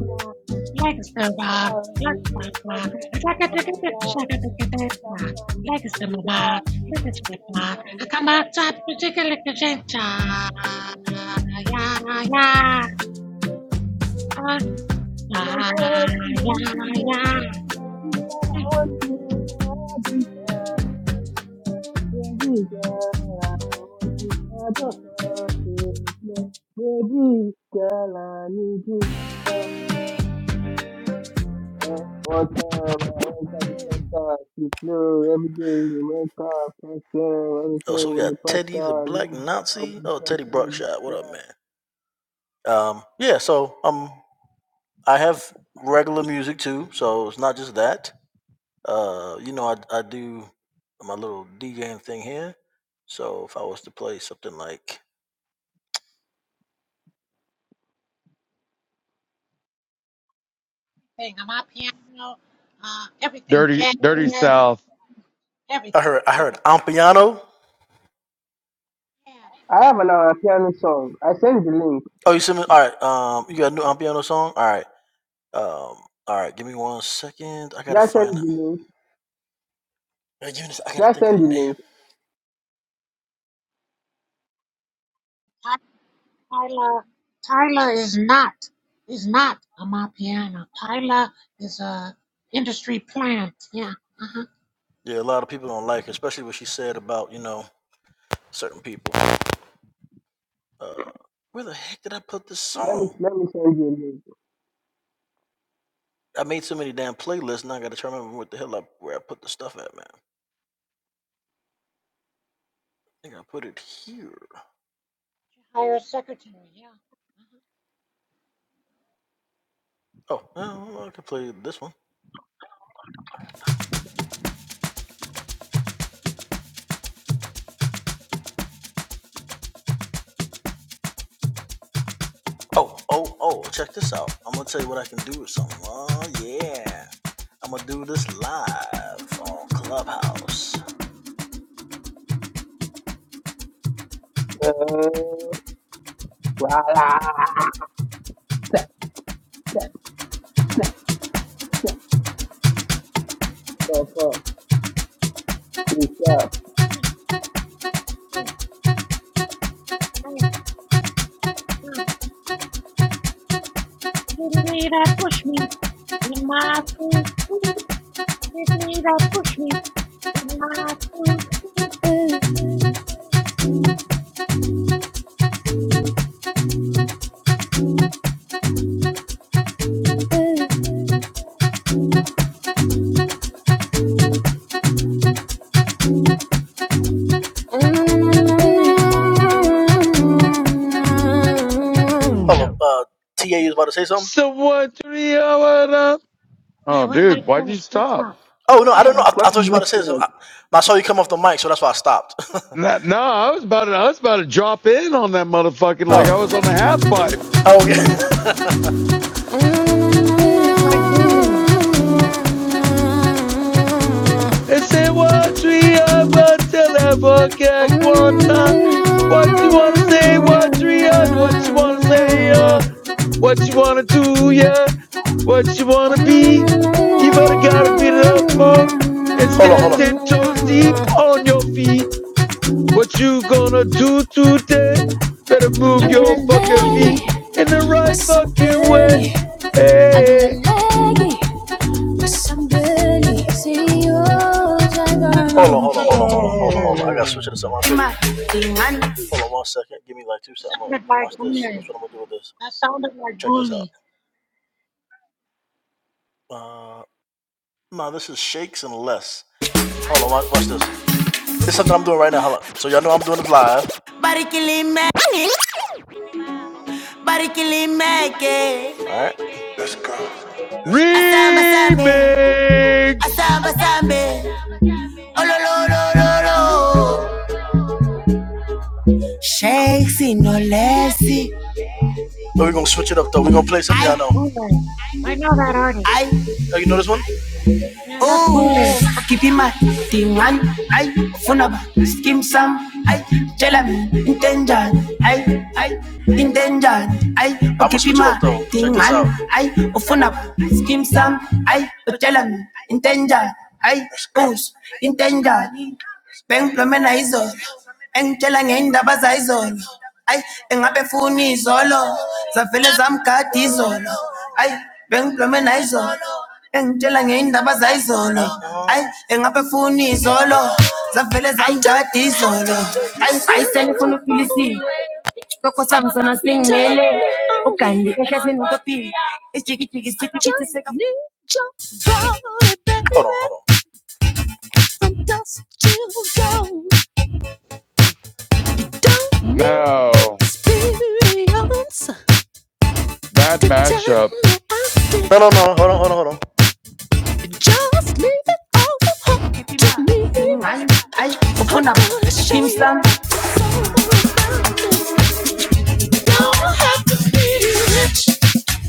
S2: yeah,
S5: Legs to rock,
S2: yeah.
S5: look
S2: You can
S5: rock
S2: touch
S5: rock.
S2: my
S5: Shaka taka
S2: mind,
S5: taka
S2: yeah.
S5: shaka
S2: You
S5: taka
S2: can touch
S5: taka.
S2: my
S5: Legs to my
S2: mind, yeah.
S5: back,
S2: You
S5: look at
S2: can
S5: you
S2: touch
S5: rock.
S2: my
S5: I come out top,
S2: mind.
S5: particular crescenta. Yeah, yeah. Ah,
S2: And I'm
S5: yeah,
S2: there when they hit
S5: yeah,
S2: me, they
S5: yeah.
S2: say, they see all I want to be done. Baby girl, I want you, I don't care, baby. Baby girl, I need you. Uh, All time, I time, first time, she flew every day, the red car, first time, everything with the first car, with the first time, the best
S5: Everything. I'm out piano, uh, everything,
S7: Dirty,
S5: jazz,
S7: Dirty South.
S5: everything, everything. Yeah.
S2: I have an our piano song. I send the link. Did I send the link? Did I send the link?
S5: Ty- Tyler, Tyler is not, is not a my piano. Tyler is a industry plant. Yeah. Uh-huh.
S2: Let me let me send you a link.
S5: Hire a secretary. Yeah.
S2: Uh, (laughs) voila. Tap, tap, tap, tap. Fuck, fuck. Please stop.
S5: Yeah, yeah, yeah. Give me that bush meat in my food. food. Give me that bush meat in my food. food.
S7: So what? Three up. Oh,
S5: Man, where did I
S7: dude, why'd you
S5: play? That's
S7: stop?
S5: all. Yeah, it
S2: What is this song?
S7: Nah, no, I was about to, I was about to drop in on that motherfucking like I was on the half pipe.
S5: sounds like bully.
S7: And say what three hour till I forget one. uh, What you wanna say? What three uh, What you wanna say? Uh, what you wanna do? Yeah. What you wanna be? You've already gotta beat it up on and stand ten toes deep on your feet. What you gonna do today? Better
S5: Yeah,
S7: move
S5: mute
S7: your
S5: her.
S7: fucking
S5: Not
S6: Aglalagi,
S7: feet
S5: him.
S7: in the right fucking way.
S6: masakali.
S7: Hey,
S6: Aglalagi, masakali. Seryoso ka.
S5: Sounded like bully. That sounded like bully.
S6: Asamba sambe,
S7: remix.
S6: asamba sambe, olololololo. Shakes in olesi,
S5: That's bully. I know that artist.
S6: ay
S5: Yeah, that's bully.
S6: ooh, kipima tingan, ay funaba skim sam, ay chelami intenjan, ay ay intenjan, ay I ufuna scheme some I utshela mina intenja I booze intenjani bengiphumena izolo engitshela ngendaba zayizolo ayi engabe funi izolo zavele zamgada izolo ayi bengiphumena izolo engitshela ngendaba zayizolo ayi engabe funi izolo zavele zamgada izolo ayi ayi sengifuna ufilisile Loco Samson as Ningele. Ukandi ehlezi nokuphila. Ijiki jiki jiki jiki seka.
S7: No, bad mashup.
S6: Team Slam. don't have to be rich.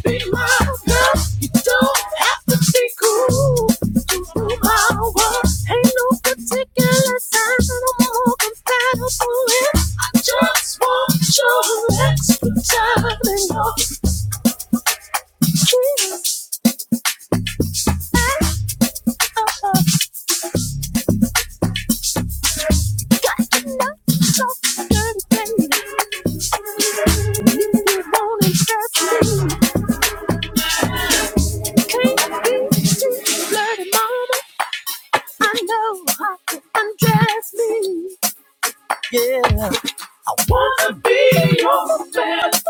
S6: Be my girl. You don't have to be cool. You rule my world. Ain't no particular sign that more compatible with. I just want your extra time and your feeling. I got to so dirty, baby. you won't impress me, can't be too flirty, mama. I know how to undress me. Yeah.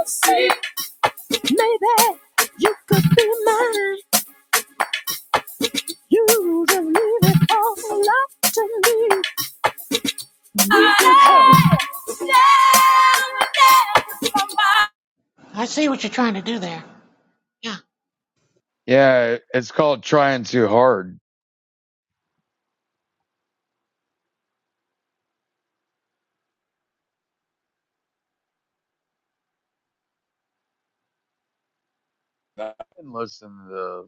S6: See, Maybe you could be mine. You just leave it all up to me. Hey,
S5: I see what you're trying to do there. Yeah.
S7: Yeah, it's called trying too hard. I didn't listen to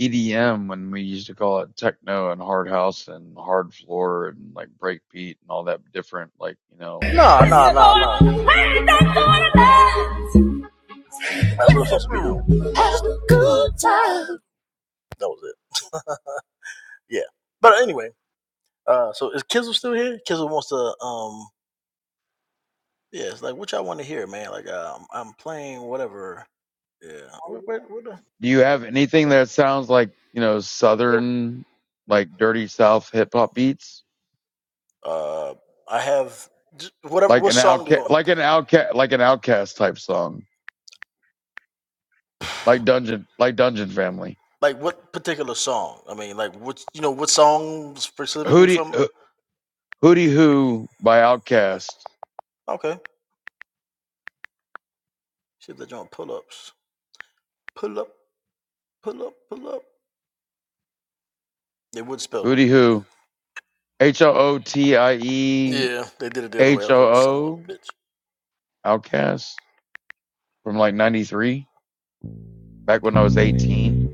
S7: EDM when we used to call it techno and hard house and hard floor and like breakbeat and all that different like you know trance.
S6: we ain't that sort of love. Have a good time.
S7: Do you have anything that sounds like, you know, southern like dirty south hip hop beats? Like an outcast like an outcast like an outcast type song. Like Dungeon like Dungeon Family. Hootie uh, Hootie Who by Outcast. Hootie Who. H O O T I E H O O Outcast from like ninety three, back when I was eighteen.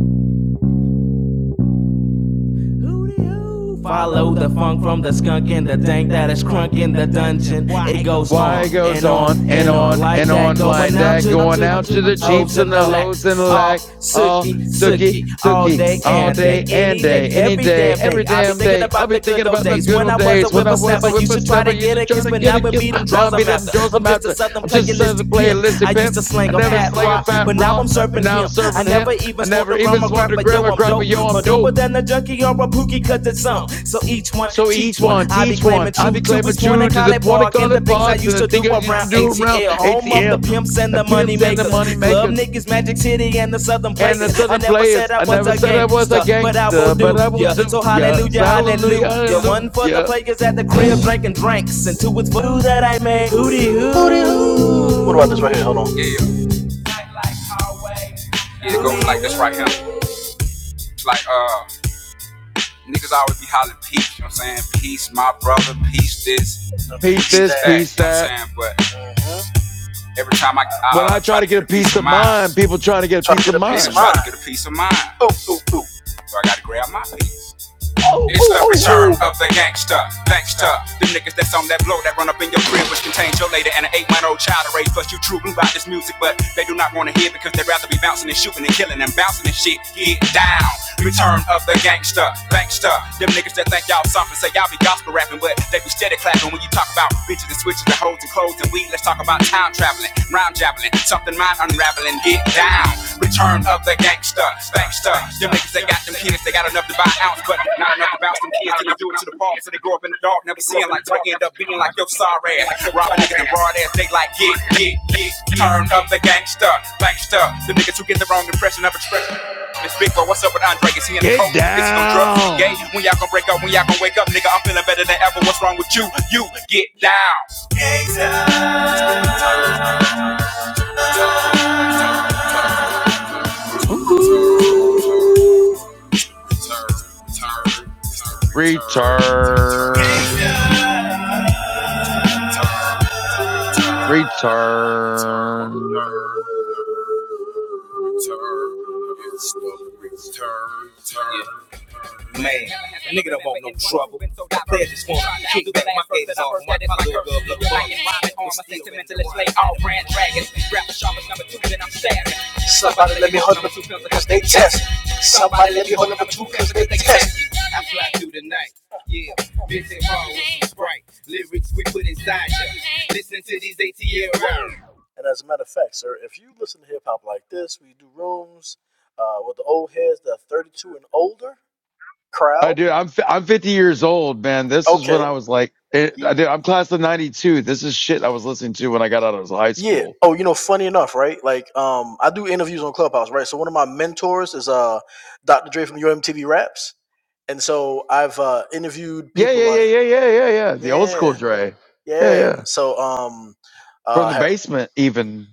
S6: Follow the funk from the skunk and the dank that is crunk in the dungeon. It goes
S7: Why
S6: on
S7: it goes
S6: and on
S7: on and
S6: and on
S7: on
S6: like
S7: and
S6: that,
S7: on like
S6: going out
S7: that,
S6: to
S7: going out to the
S6: the
S7: jeeps
S6: hoes
S7: and
S6: and the
S7: the hoes and the
S6: lacks. All
S7: lack, all
S6: sookie,
S7: sookie,
S6: sookie, all
S7: sookie,
S6: day
S7: all
S6: and day,
S7: day and
S6: any day,
S7: day, any
S6: every
S7: day,
S6: damn
S7: every
S6: day. I be
S7: damn
S6: thinking
S7: day. I'll
S6: about
S7: be
S6: the
S7: thinking
S6: good old
S7: about the
S6: days
S7: good
S6: when
S7: old
S6: I was a
S7: days when I was
S6: whippersnapper.
S7: a
S6: You should try
S7: whippersnapper.
S6: to
S7: Used
S6: get
S7: to
S6: a
S7: try
S6: kiss,
S7: to
S6: but
S7: get
S6: now
S7: a
S6: it
S7: kiss.
S6: be them
S7: Now
S6: draws
S7: I'm
S6: I'm
S7: beating up
S6: after.
S7: Joseph
S6: I'm just a
S7: Mountain.
S6: southern
S7: I'm just decided to
S6: playalistic
S7: play a
S6: pimp.
S7: listy
S6: I used
S7: pimp.
S6: to
S7: I
S6: slang a
S7: never
S6: fat
S7: slang a
S6: rock,
S7: fat
S6: but now
S7: rock,
S6: I'm
S7: but
S6: serving
S7: now I'm
S6: him. I
S7: serving him.
S6: never even
S7: I
S6: smoke
S7: never
S6: the
S7: even
S6: grandma
S7: smoked
S6: crack,
S7: a
S6: but yo,
S7: grandma
S6: I'm
S7: crack, but
S6: dope.
S7: yo, I'm
S6: But
S7: dope.
S6: doper than a junkie or a pookie, cause it's some. So each one,
S7: So
S6: teach
S7: each one,
S6: one. I be
S7: teach one.
S6: claiming
S7: I
S6: true to
S7: became a
S6: East Point
S7: true
S6: and
S7: to the
S6: College
S7: point of
S6: Park and the
S7: contact
S6: things I
S7: parks and
S6: used
S7: the
S6: to do
S7: thing I
S6: around
S7: used to do around
S6: ATL. Home of the
S7: ATL,
S6: pimps and
S7: the
S6: the money
S7: pimps and the
S6: makers.
S7: money
S6: Club
S7: makers
S6: niggas, Magic City, and the Southern
S7: and
S6: Players.
S7: the
S6: I
S7: southern
S6: never
S7: players.
S6: said I
S7: I
S6: was
S7: never
S6: a
S7: said I was a
S6: gangster, but I will
S7: gangster, but
S6: do
S7: I will
S6: ya. So
S7: do. Yeah, So
S6: hallelujah,
S7: hallelujah,
S6: hallelujah. One for the
S7: hallelujah.
S6: players at the crib drinking drinks, and two is voodoo that I made. Hootie hoo. It goes like this right here. It's like uh Niggas always be hollering peace, you know what I'm saying? Peace, my brother, peace this,
S7: Peace this,
S6: you
S7: peace
S6: know what I'm
S7: that.
S6: saying? But every time I,
S7: When
S6: I uh,
S7: I try
S6: try
S7: to
S6: to get
S7: get
S6: a
S7: a
S6: peace
S7: peace
S6: of
S7: of
S6: mind,
S7: mind, people trying to get a peace of mind.
S6: get a peace of mind. So I gotta grab my peace.
S7: Oh,
S6: It's
S7: oh,
S6: the return
S7: oh, oh,
S6: of the gangster, thanks to the niggas that's on that blow that run up in your crib, which contains your lady and an eight month old child to raise. Plus, you true blue about this music, but they do not want to hear because they'd rather be bouncing and shooting and killing and bouncing and shit. Get down. Return of the gangster, thanks to them niggas that think y'all something. Say y'all be gospel rapping, but they be steady clapping when you talk about bitches and switches and hoes and clothes and weed. Let's talk about time traveling, rhyme javelin, something mind unraveling. Get down. Return of the gangster, gangster. Them niggas that got them kids, they got enough to buy an ounce, but not enough to bounce them kids to the do it to the park. So they grow up in the dark, never seeing light, till they end up being like your sorry ass. Robbing niggas and broad ass, they like get, get, get. Turn of the gangster, gangster. Them niggas who get the wrong impression of expression. It's Big Bo, what's up with Andre? Is he in the
S7: get
S6: coke? Is he on drugs? Is he gay?
S7: down.
S6: When y'all gonna break up? When y'all gonna wake up? Nigga, I'm feeling better than ever. What's wrong with you? You get down.
S7: Ooh, return.
S6: Turn,
S7: Return.
S6: turn, turn, it's the return, turn. Man, a nigga don't want no trouble. The players just want to kick back my gators off. My, little girl look Black and sentimentalist, lay all brand dragons. Grab the sharpest number two, then I'm stabbing. Somebody let me hold number for two because they test. Somebody let me hold number two. I fly through the night. Yeah, Vincent Hall with some Sprite. Lyrics we put inside ya. Listen to these ATL rhymes.
S7: I do. I'm I'm 50 years old, man. This is when I was like, it, I do. I'm class of 92. This is shit I was listening to when I got out of high school. Yeah, yeah, yeah, yeah, yeah, yeah, yeah. The old school Dre. Yeah, yeah. From the basement, even.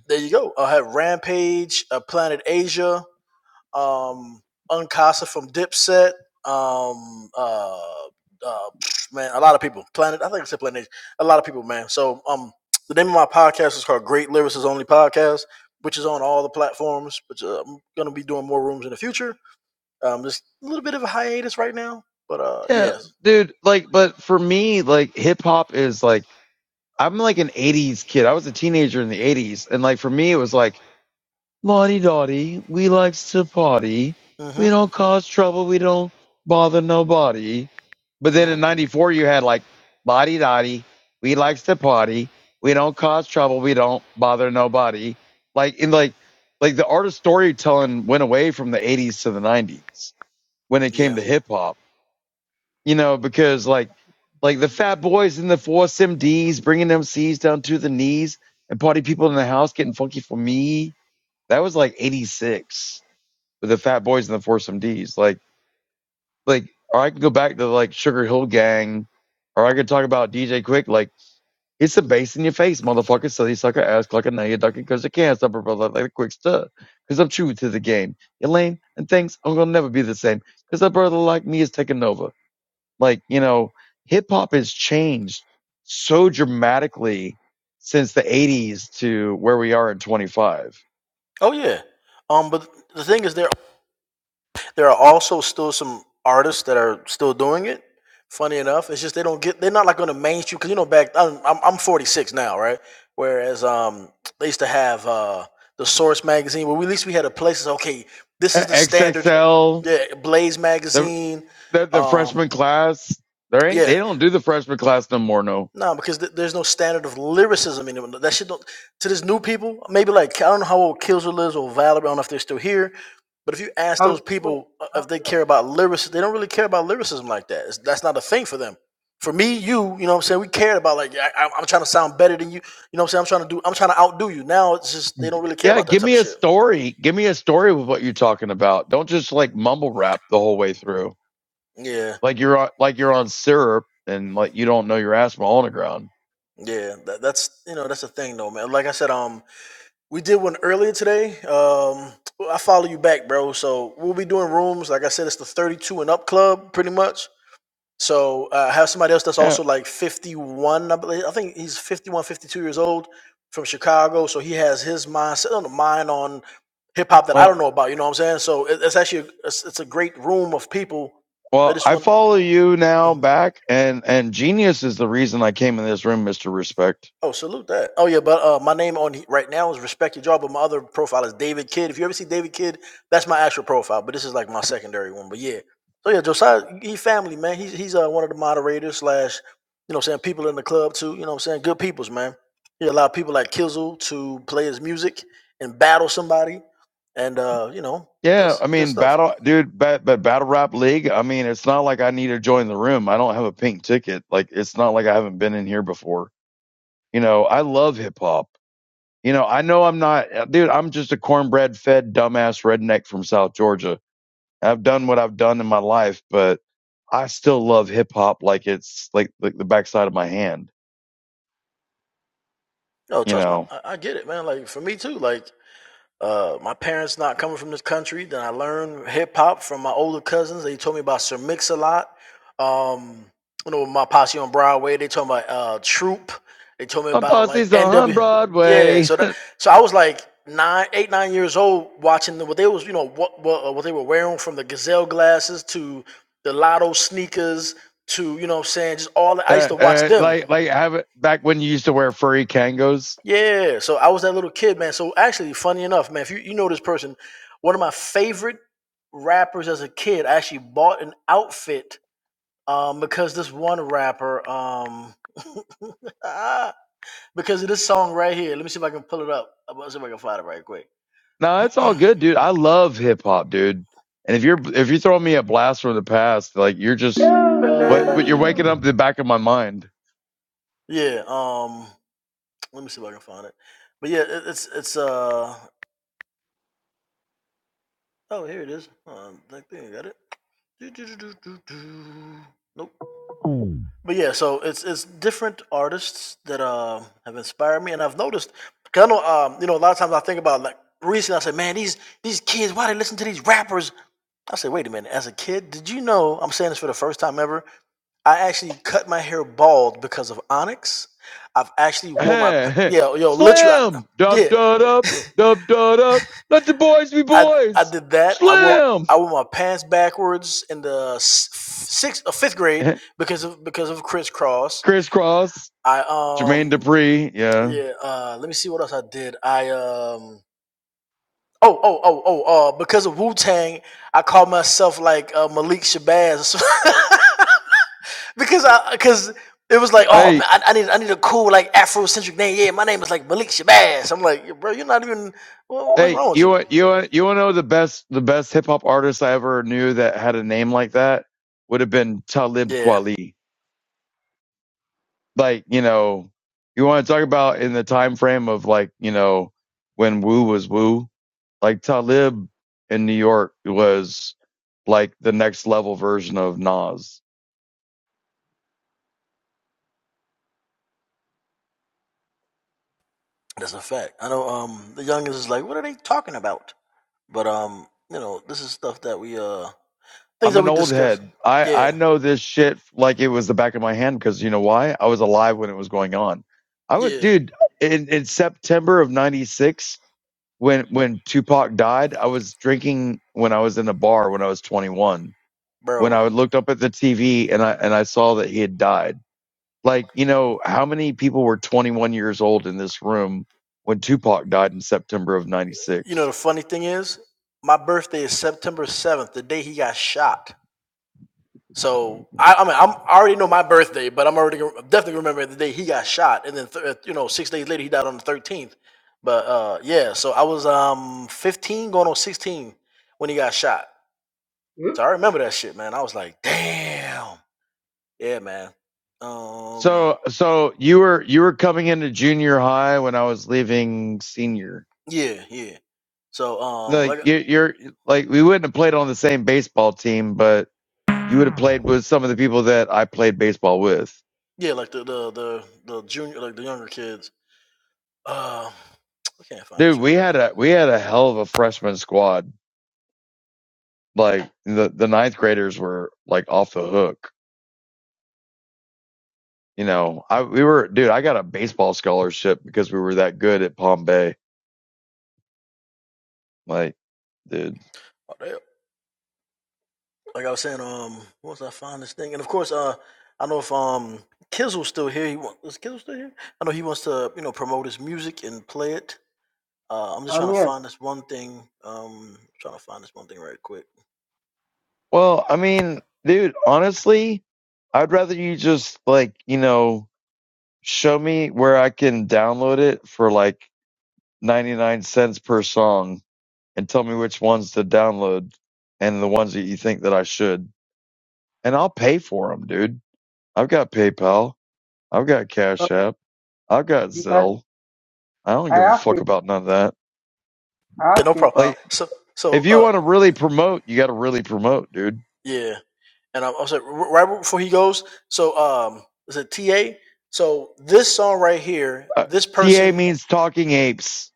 S7: Yeah, dude. Like, but for me, like, hip hop is like, I'm like an 80s kid. I was a teenager in the 80s, and like for me, it was like Lottie-dottie, we likes to party. We don't cause trouble. We don't bother nobody. But then in 94, you had like, Lottie-dottie, we likes to party. We don't cause trouble. We don't bother nobody. Like, in like, like the art of storytelling went away from the 80s to the 90s when it came to hip hop, you know, because like, like the fat boys and the force MDs bringing them C's down to the knees and party people in the house getting funky for me that was like 86 with the Fat Boys and the Foursome D's. Like, like, or I could go back to like Sugar Hill Gang, or I could talk about DJ Quick. Like, it's the bass in your face, motherfucker. So they suck a ass like a nugget ducking because they can't stop a brother like a quick stir. Because I'm true to the game. You're lame and things I'm going to never be the same because a brother like me is taking over. Like, you know, hip hop has changed so dramatically since the 80s to where we are in 25. XXL. the that the freshman class there ain't they don't do the freshman class no more no
S2: I'm still
S7: yeah give me a story give me a story with what you're talking about don't just like mumble rap the whole way through like you're on like you're on syrup and like you don't know your ass from all on the ground yeah well well i follow you now back and and genius is the reason i came in this room mr respect yeah i mean battle dude but but battle rap league i mean it's not like i need to join the room i don't have a pink ticket like it's not like i haven't been in here before You know, I love hip hop. You know, I know I'm not, uh, dude, I'm just a cornbread fed dumbass redneck from South Georgia. I've done what I've done in my life, but I still love hip hop like it's like, like the backside of my hand, you know. My posse's on Broadway. (laughs) uh, uh, like, like, have it back when you used to wear furry kangos. No, it's all good, dude. I love hip hop, dude. And if you're, if you're throwing me a blast from the past, like, you're just, what, you're waking up the back of my mind. (laughs) Hey, hey. Slam! Dub dub up, dub dub up. Let the boys be boys. Slam! (laughs) Crisscross, Jermaine Dupri. Yeah. Hey, hey, you want you want you want to know the best the best hip hop artist I ever knew that had a name like that would have been Talib Kweli. Like you know, you want to talk about in the time frame of like you know when Wu was Wu. Like Talib in New York was like the next level version of Nas. I'm an old head. I, I know this shit like it was the back of my hand because you know why? I was alive when it was going on. I was, dude, in, in September of 96, when, when Tupac died, I was drinking when I was in a bar when I was 21, when I looked up at the TV and I, and I saw that he had died. Like, you know, how many people were 21 years old in this room when Tupac died in September of 96?
S2: here. Hmm?
S7: So, so you were you were coming into junior high when I was leaving senior. Like you, you're like we wouldn't have played on the same baseball team, but you would have played with some of the people that I played baseball with. Dude, we had a we had a hell of a freshman squad. Like the the ninth graders were like off the hook. You know, I we were dude. I got a baseball scholarship because we were that good at Palm Bay. Like, dude.
S2: I'm here.
S7: Well, I mean, dude, honestly, I'd rather you just like, you know, show me where I can download it for like 99 cents per song and tell me which ones to download and the ones that you think that I should. And I'll pay for them, dude. I've got PayPal. I've got
S2: Uh,
S7: Cash App. I've got
S2: You can.
S7: Zelle. I don't
S2: I
S7: give a
S2: have
S7: fuck
S2: paper.
S7: about none of that.
S2: I have paper.
S7: Like, if you want to really promote, you got to really promote, dude. Uh, TA means talking apes.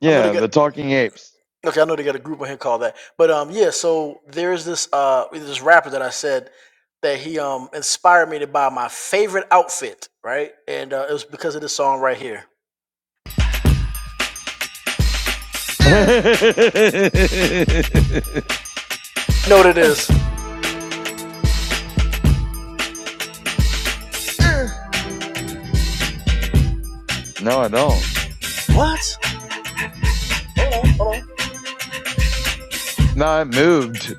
S7: Yeah, the talking apes. (laughs) no, I don't. No, it moved.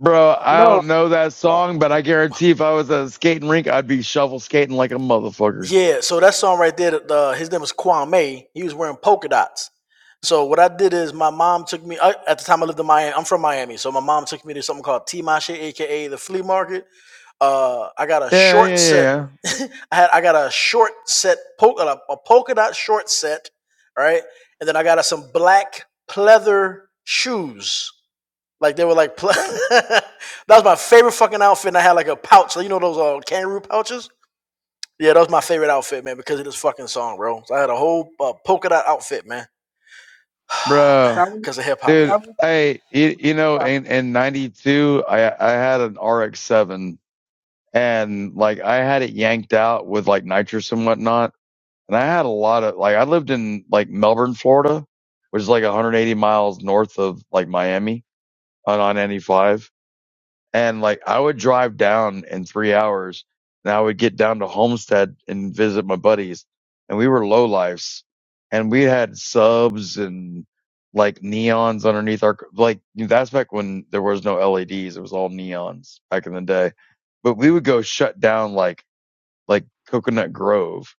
S7: Bro, I
S2: No,
S7: don't know that song, but I guarantee if I was at a skating rink, I'd be shovel skating like a motherfucker. Yeah, yeah, yeah. yeah. Bro,
S2: that was
S7: dude,
S2: that was
S7: hey, you, you know, in, in 92, I, I had an RX-7 and like I had it yanked out with like nitrous and whatnot. And I had a lot of like, I lived in like Melbourne, Florida, which is like 180 miles north of like Miami on on ninety five, and like I would drive down in three hours, and I would get down to Homestead and visit my buddies, and we were low lifes, and we had subs and like neons underneath our like that's back when there was no LEDs, it was all neons back in the day, but we would go shut down like like Coconut Grove,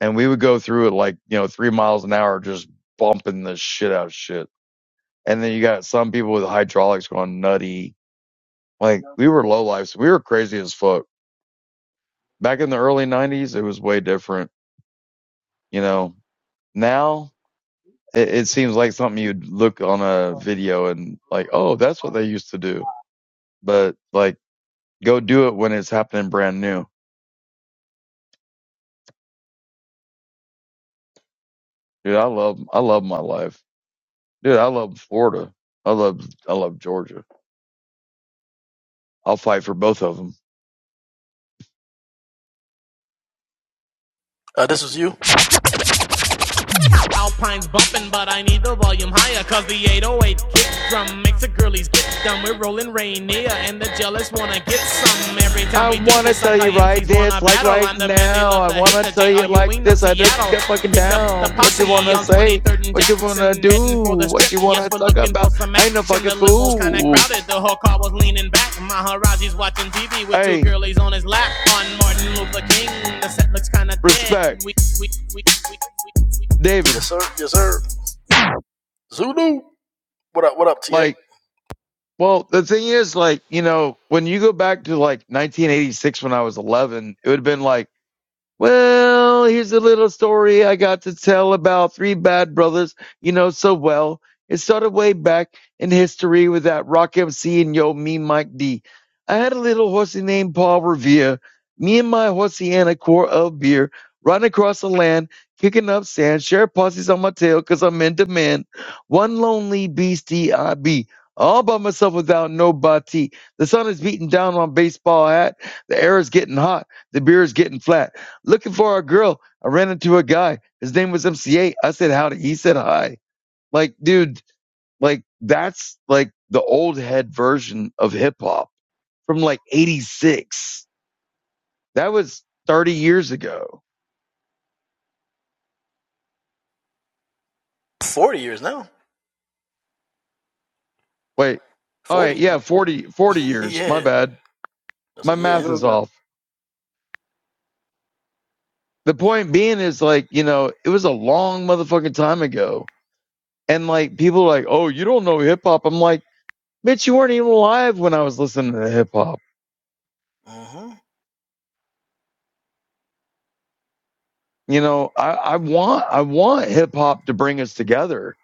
S7: and we would go through it like you know three miles an hour just bumping the shit out of shit. And then you got some people with hydraulics going nutty like we were low lives. We were crazy as fuck. Back in the early nineties, it was way different. You know, now it, it seems like something you'd look on a video and like, oh, that's what they used to do. But like, go do it when it's happening brand new. Dude, I love, I love my life. Dude, I love Florida. I love, I love Georgia. I'll fight for both of them.
S6: Alpine's bumping, but I need the volume higher. Cause the 808 kick drum makes the girlies get dumb. We're rolling Rainier, and the jealous wanna get some. Every time
S7: I
S6: we do
S7: want to
S6: this,
S7: tell you
S6: Sakai
S7: right
S6: MCs
S7: this,
S6: wanna
S7: like
S6: battle.
S7: right
S6: I'm the man they
S7: now.
S6: love
S7: I
S6: to
S7: want
S6: hate,
S7: to
S6: the
S7: tell
S6: J.R.
S7: you like
S6: Ewing of
S7: this. I think
S6: Seattle.
S7: get fucking
S6: Picked up the
S7: down. What you want
S6: posse
S7: to
S6: on
S7: say?
S6: 23rd and
S7: What you want
S6: Jackson,
S7: to do?
S6: heading for the
S7: What
S6: strip.
S7: you want
S6: Yes,
S7: to
S6: we're
S7: talk
S6: looking for
S7: about?
S6: some
S7: I ain't no
S6: action.
S7: fucking
S6: The limo's kinda
S7: fool.
S6: crowded, the whole car was leaning back. Maharaji's watching TV with two
S7: Hey,
S6: girlies on his lap. On Martin Luther King, the set looks kinda dead.
S7: respect,
S6: We, we, we, we, we, we. we.
S7: David. Like, well, the thing is, like, you know, when you go back to like 1986 when I was 11, it would have been like, Well, here's a little story I got to tell about three bad brothers you know so well. It started way back in history with that Rock MC and yo, me, Mike D. I had a little horsey named Paul Revere. Me and my horsey and a quart of beer, riding across the land, kicking up sand, share posses on my tail i I'm in demand. One lonely beastie I be, all by myself without nobody. The sun is beating down on baseball hat, the air is getting hot, the beer is getting flat looking for our girl. I ran into a guy. His name was MCA. I said howdy. He said hi. Like, dude, like that's like the old head version of hip hop from like 86. That was 30 years ago. Wait. All right. Yeah.
S2: Hello,
S7: 40, 40 years. My bad. My math
S2: Hello,
S7: is
S2: guys.
S7: off. The point being is like, you know, it was a long motherfucking time ago. And like people are like, oh, you don't know hip hop. I'm like, bitch, you weren't even alive when I was listening to hip hop you know, I, I want I want hip hop to bring us together,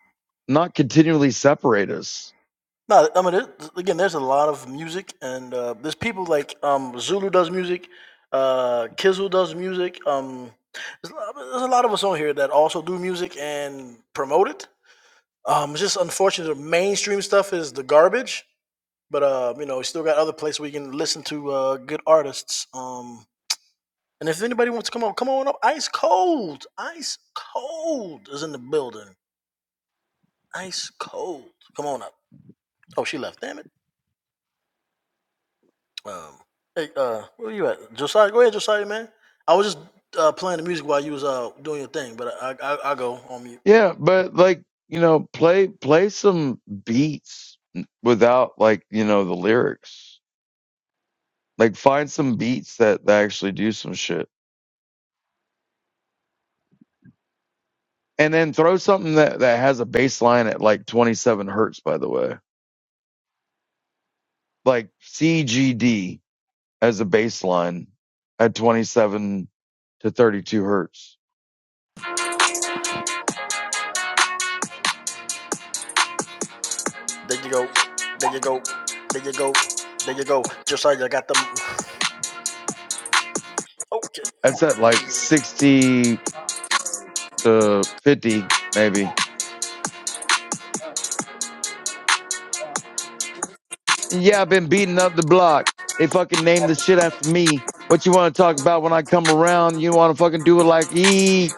S7: not continually separate us. Yeah, but like, you know, play play some beats without like, you know, the lyrics. Like find some beats that, that actually do some shit. And then throw something that, that has a bass line at like twenty seven hertz, by the way. Like CGD as a bass line at twenty seven to thirty two hertz. That's at like 60 to 50, maybe. And yeah, I've been beating up the block. They fucking named the shit after me. What you want to talk about when I come around? You want to fucking do it like yeet,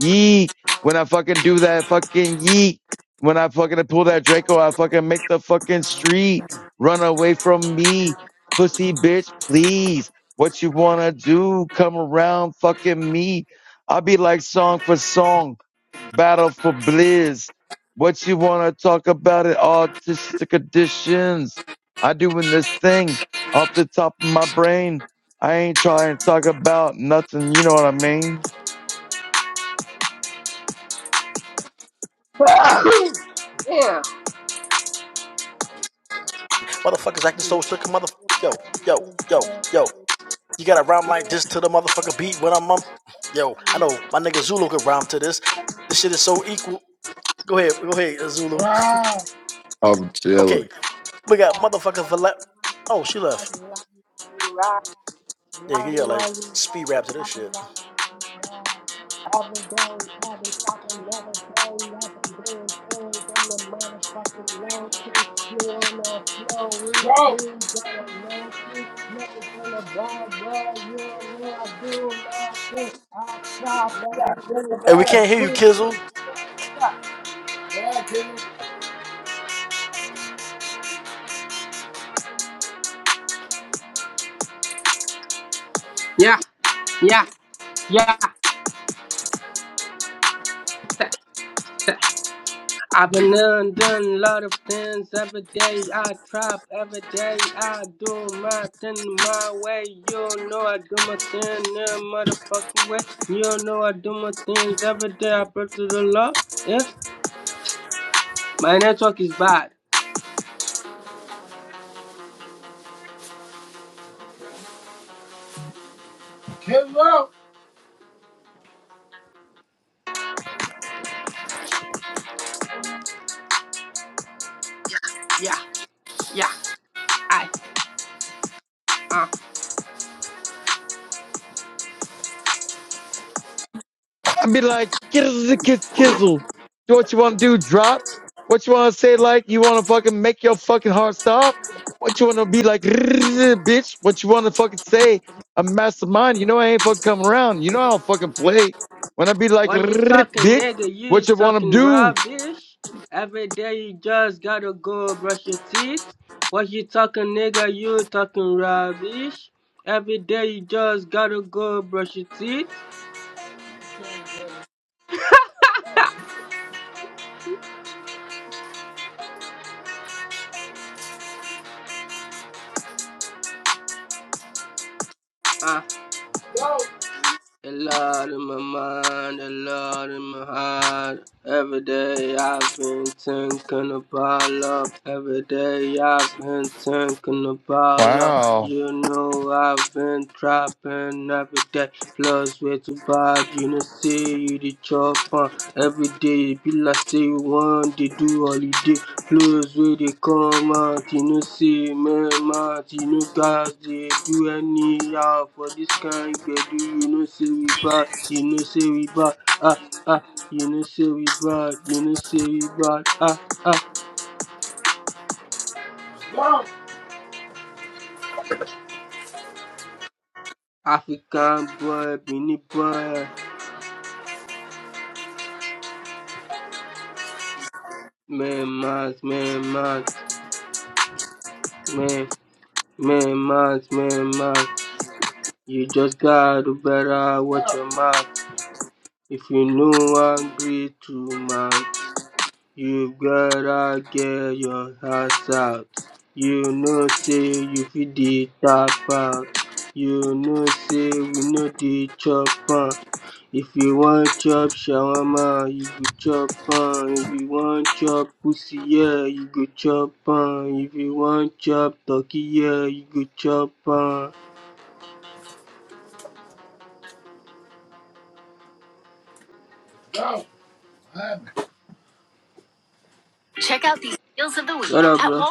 S7: yeet. When I fucking do that fucking yeet. When I fucking pull that Draco, I fucking make the fucking street run away from me. Pussy bitch, please. What you want to do? Come around fucking me. I'll be like song for song. battle for Bliss. What you want to talk about it? Autistic conditions. I doing this thing off the top of my brain. I ain't trying to talk about nothing. You know what I mean?
S2: (coughs) Damn.
S1: Wow.
S8: I'm chilling.
S2: Every day, having top another day, I've been doing things on the motherfucking low key. You wanna flow with
S1: Bro,
S2: me, got a low key. Niggas on the bad boy, you don't know I do my thing. I stop
S1: you
S2: every
S1: got kill
S2: day,
S1: the
S2: I'm a
S1: man.
S2: super.
S1: Yeah, kill
S2: Yeah, yeah, yeah, yeah. I've been done, done a lot of things every day. I trap every day. I do my thing my way. You know I do my thing the motherfucking way. You know I do my things every day. I pray to the Lord. Yeah, my network is bad.
S1: Kill bro.
S2: Yeah, yeah. I. uh.
S7: I'd be like, kizzle, kizzle, kizzle. Do what you want to do, drop. What you want to say, like, you want to fucking make your fucking heart stop. What you want to be like, (laughs) bitch. What you want to fucking say, a mastermind. You know I ain't fucking coming around. You know I don't fucking play. When I be like, (laughs)
S2: What you talking,
S7: bitch,
S2: nigga? You
S7: what you want to
S2: talking
S7: do?
S2: rubbish? Every day you just gotta go brush your teeth. What you talking, nigga? You talking rubbish? Every day you just gotta go brush your teeth. Ah. uh, Lord in my mind, the Lord in my heart. Every day I've been thinking about love. Every day I've been thinking about love.
S7: Wow.
S2: You know I've been trapping every day. Plus way too bad, you know, see you the chop on. Every day be like say you want to do holiday. Flows where they come out, you know, say, man, mouth, you know, guys, they do anyhow for this kind do you know, say we bad, you know, say we bad, ah, ah, you know, say we bad, you know, say we bad, ah, ah, African boy, Benin boy, man, mouth, man, mouth, man, man, mouth, man, mouth, you just gotta better watch your mouth. If you know angry too much, You gotta get your ass out. You know say you fit the tap out. You know say we know the chop on. If you want chop shawarma, you go chop on. If you want chop pussy, yeah, you go chop on. If you want chop turkey, yeah, you go chop on. What up, bro?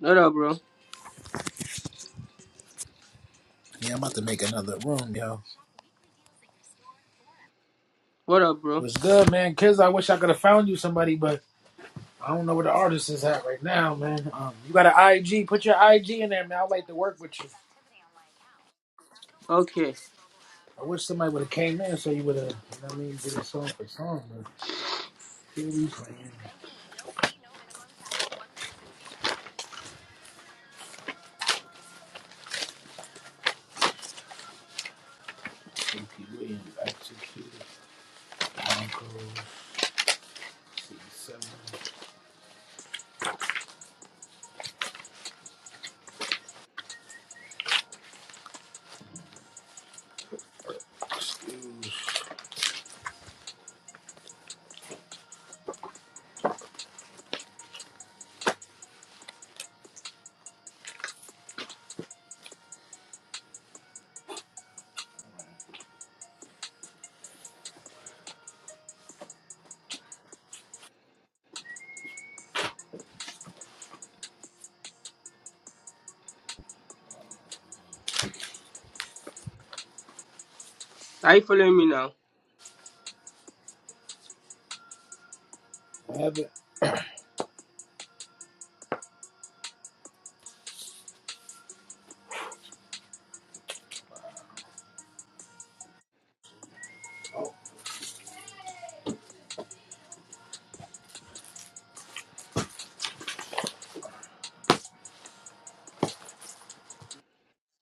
S2: What up, bro?
S1: Yeah, I'm about to make another room, yo.
S2: What up, bro?
S1: What's good, man? Kiz, I wish I could have found you somebody, but I don't know where the artist is at right now, man. Um, you got an IG. Put your IG in there, man. I'd like to work with you.
S2: Okay.
S1: I wish somebody would have came in so you would have, you know what I mean, did a song for song. But here we playing. AP Williams, executed. Blanco. I
S2: Are you following me now?
S1: Have it.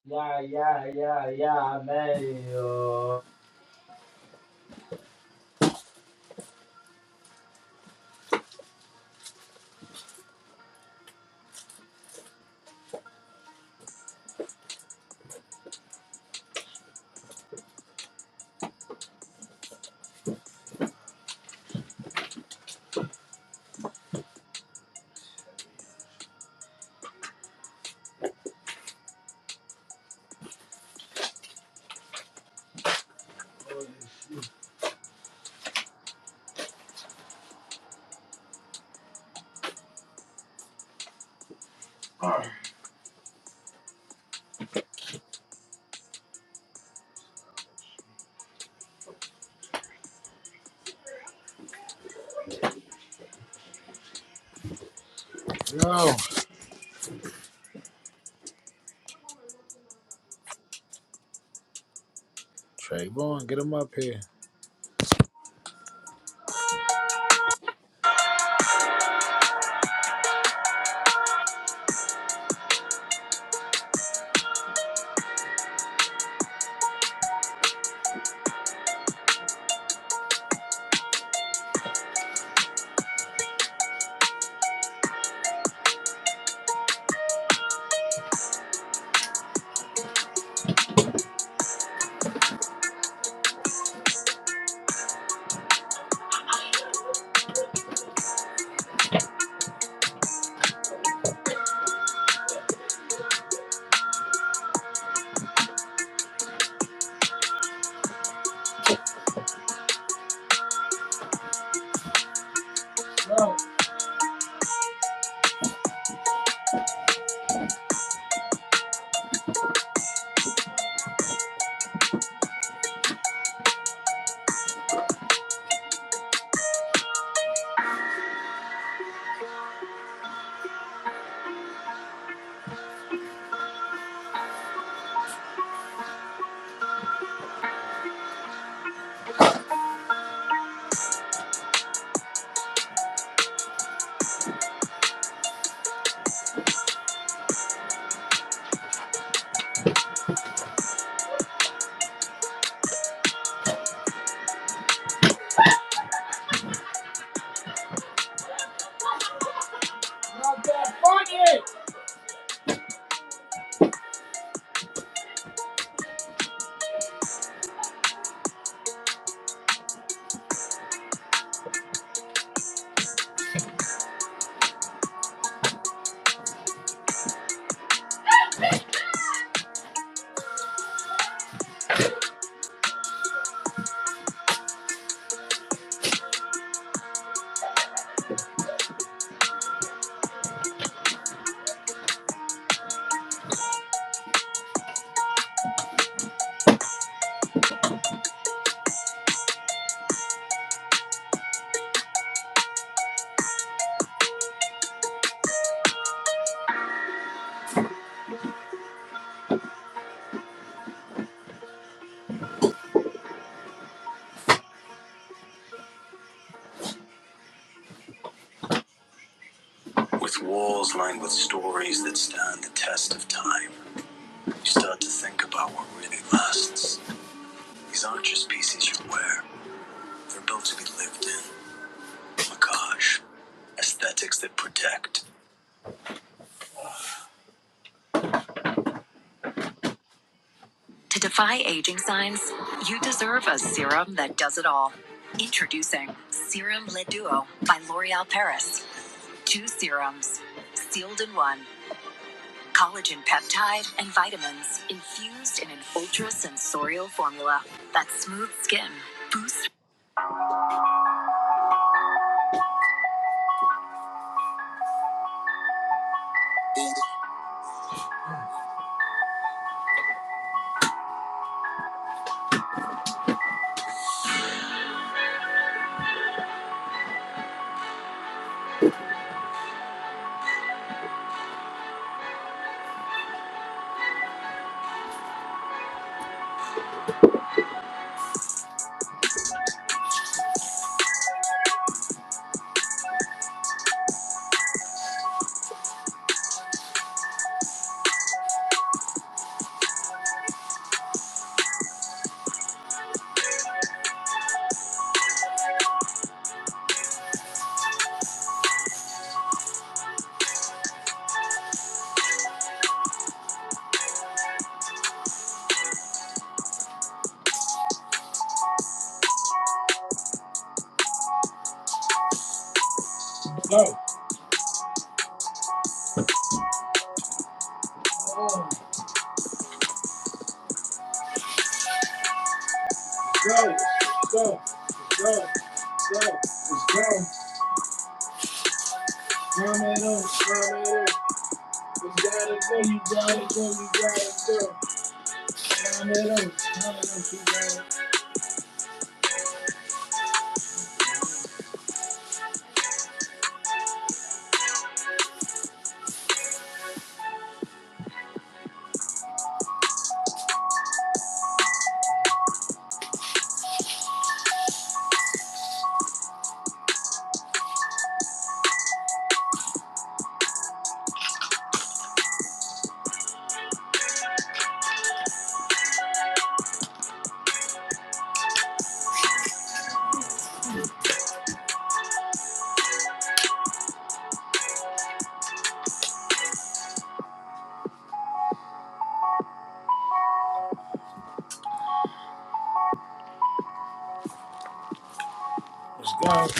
S2: Yeah, yeah, yeah, yeah, man. yo.
S1: Yo, Trayvon, get him up here. Go, go, go, go, go, go. Let's go. Run it up, run it up. You gotta go, you gotta go, you gotta go. Run it up, run it up, you gotta. go. Let's go.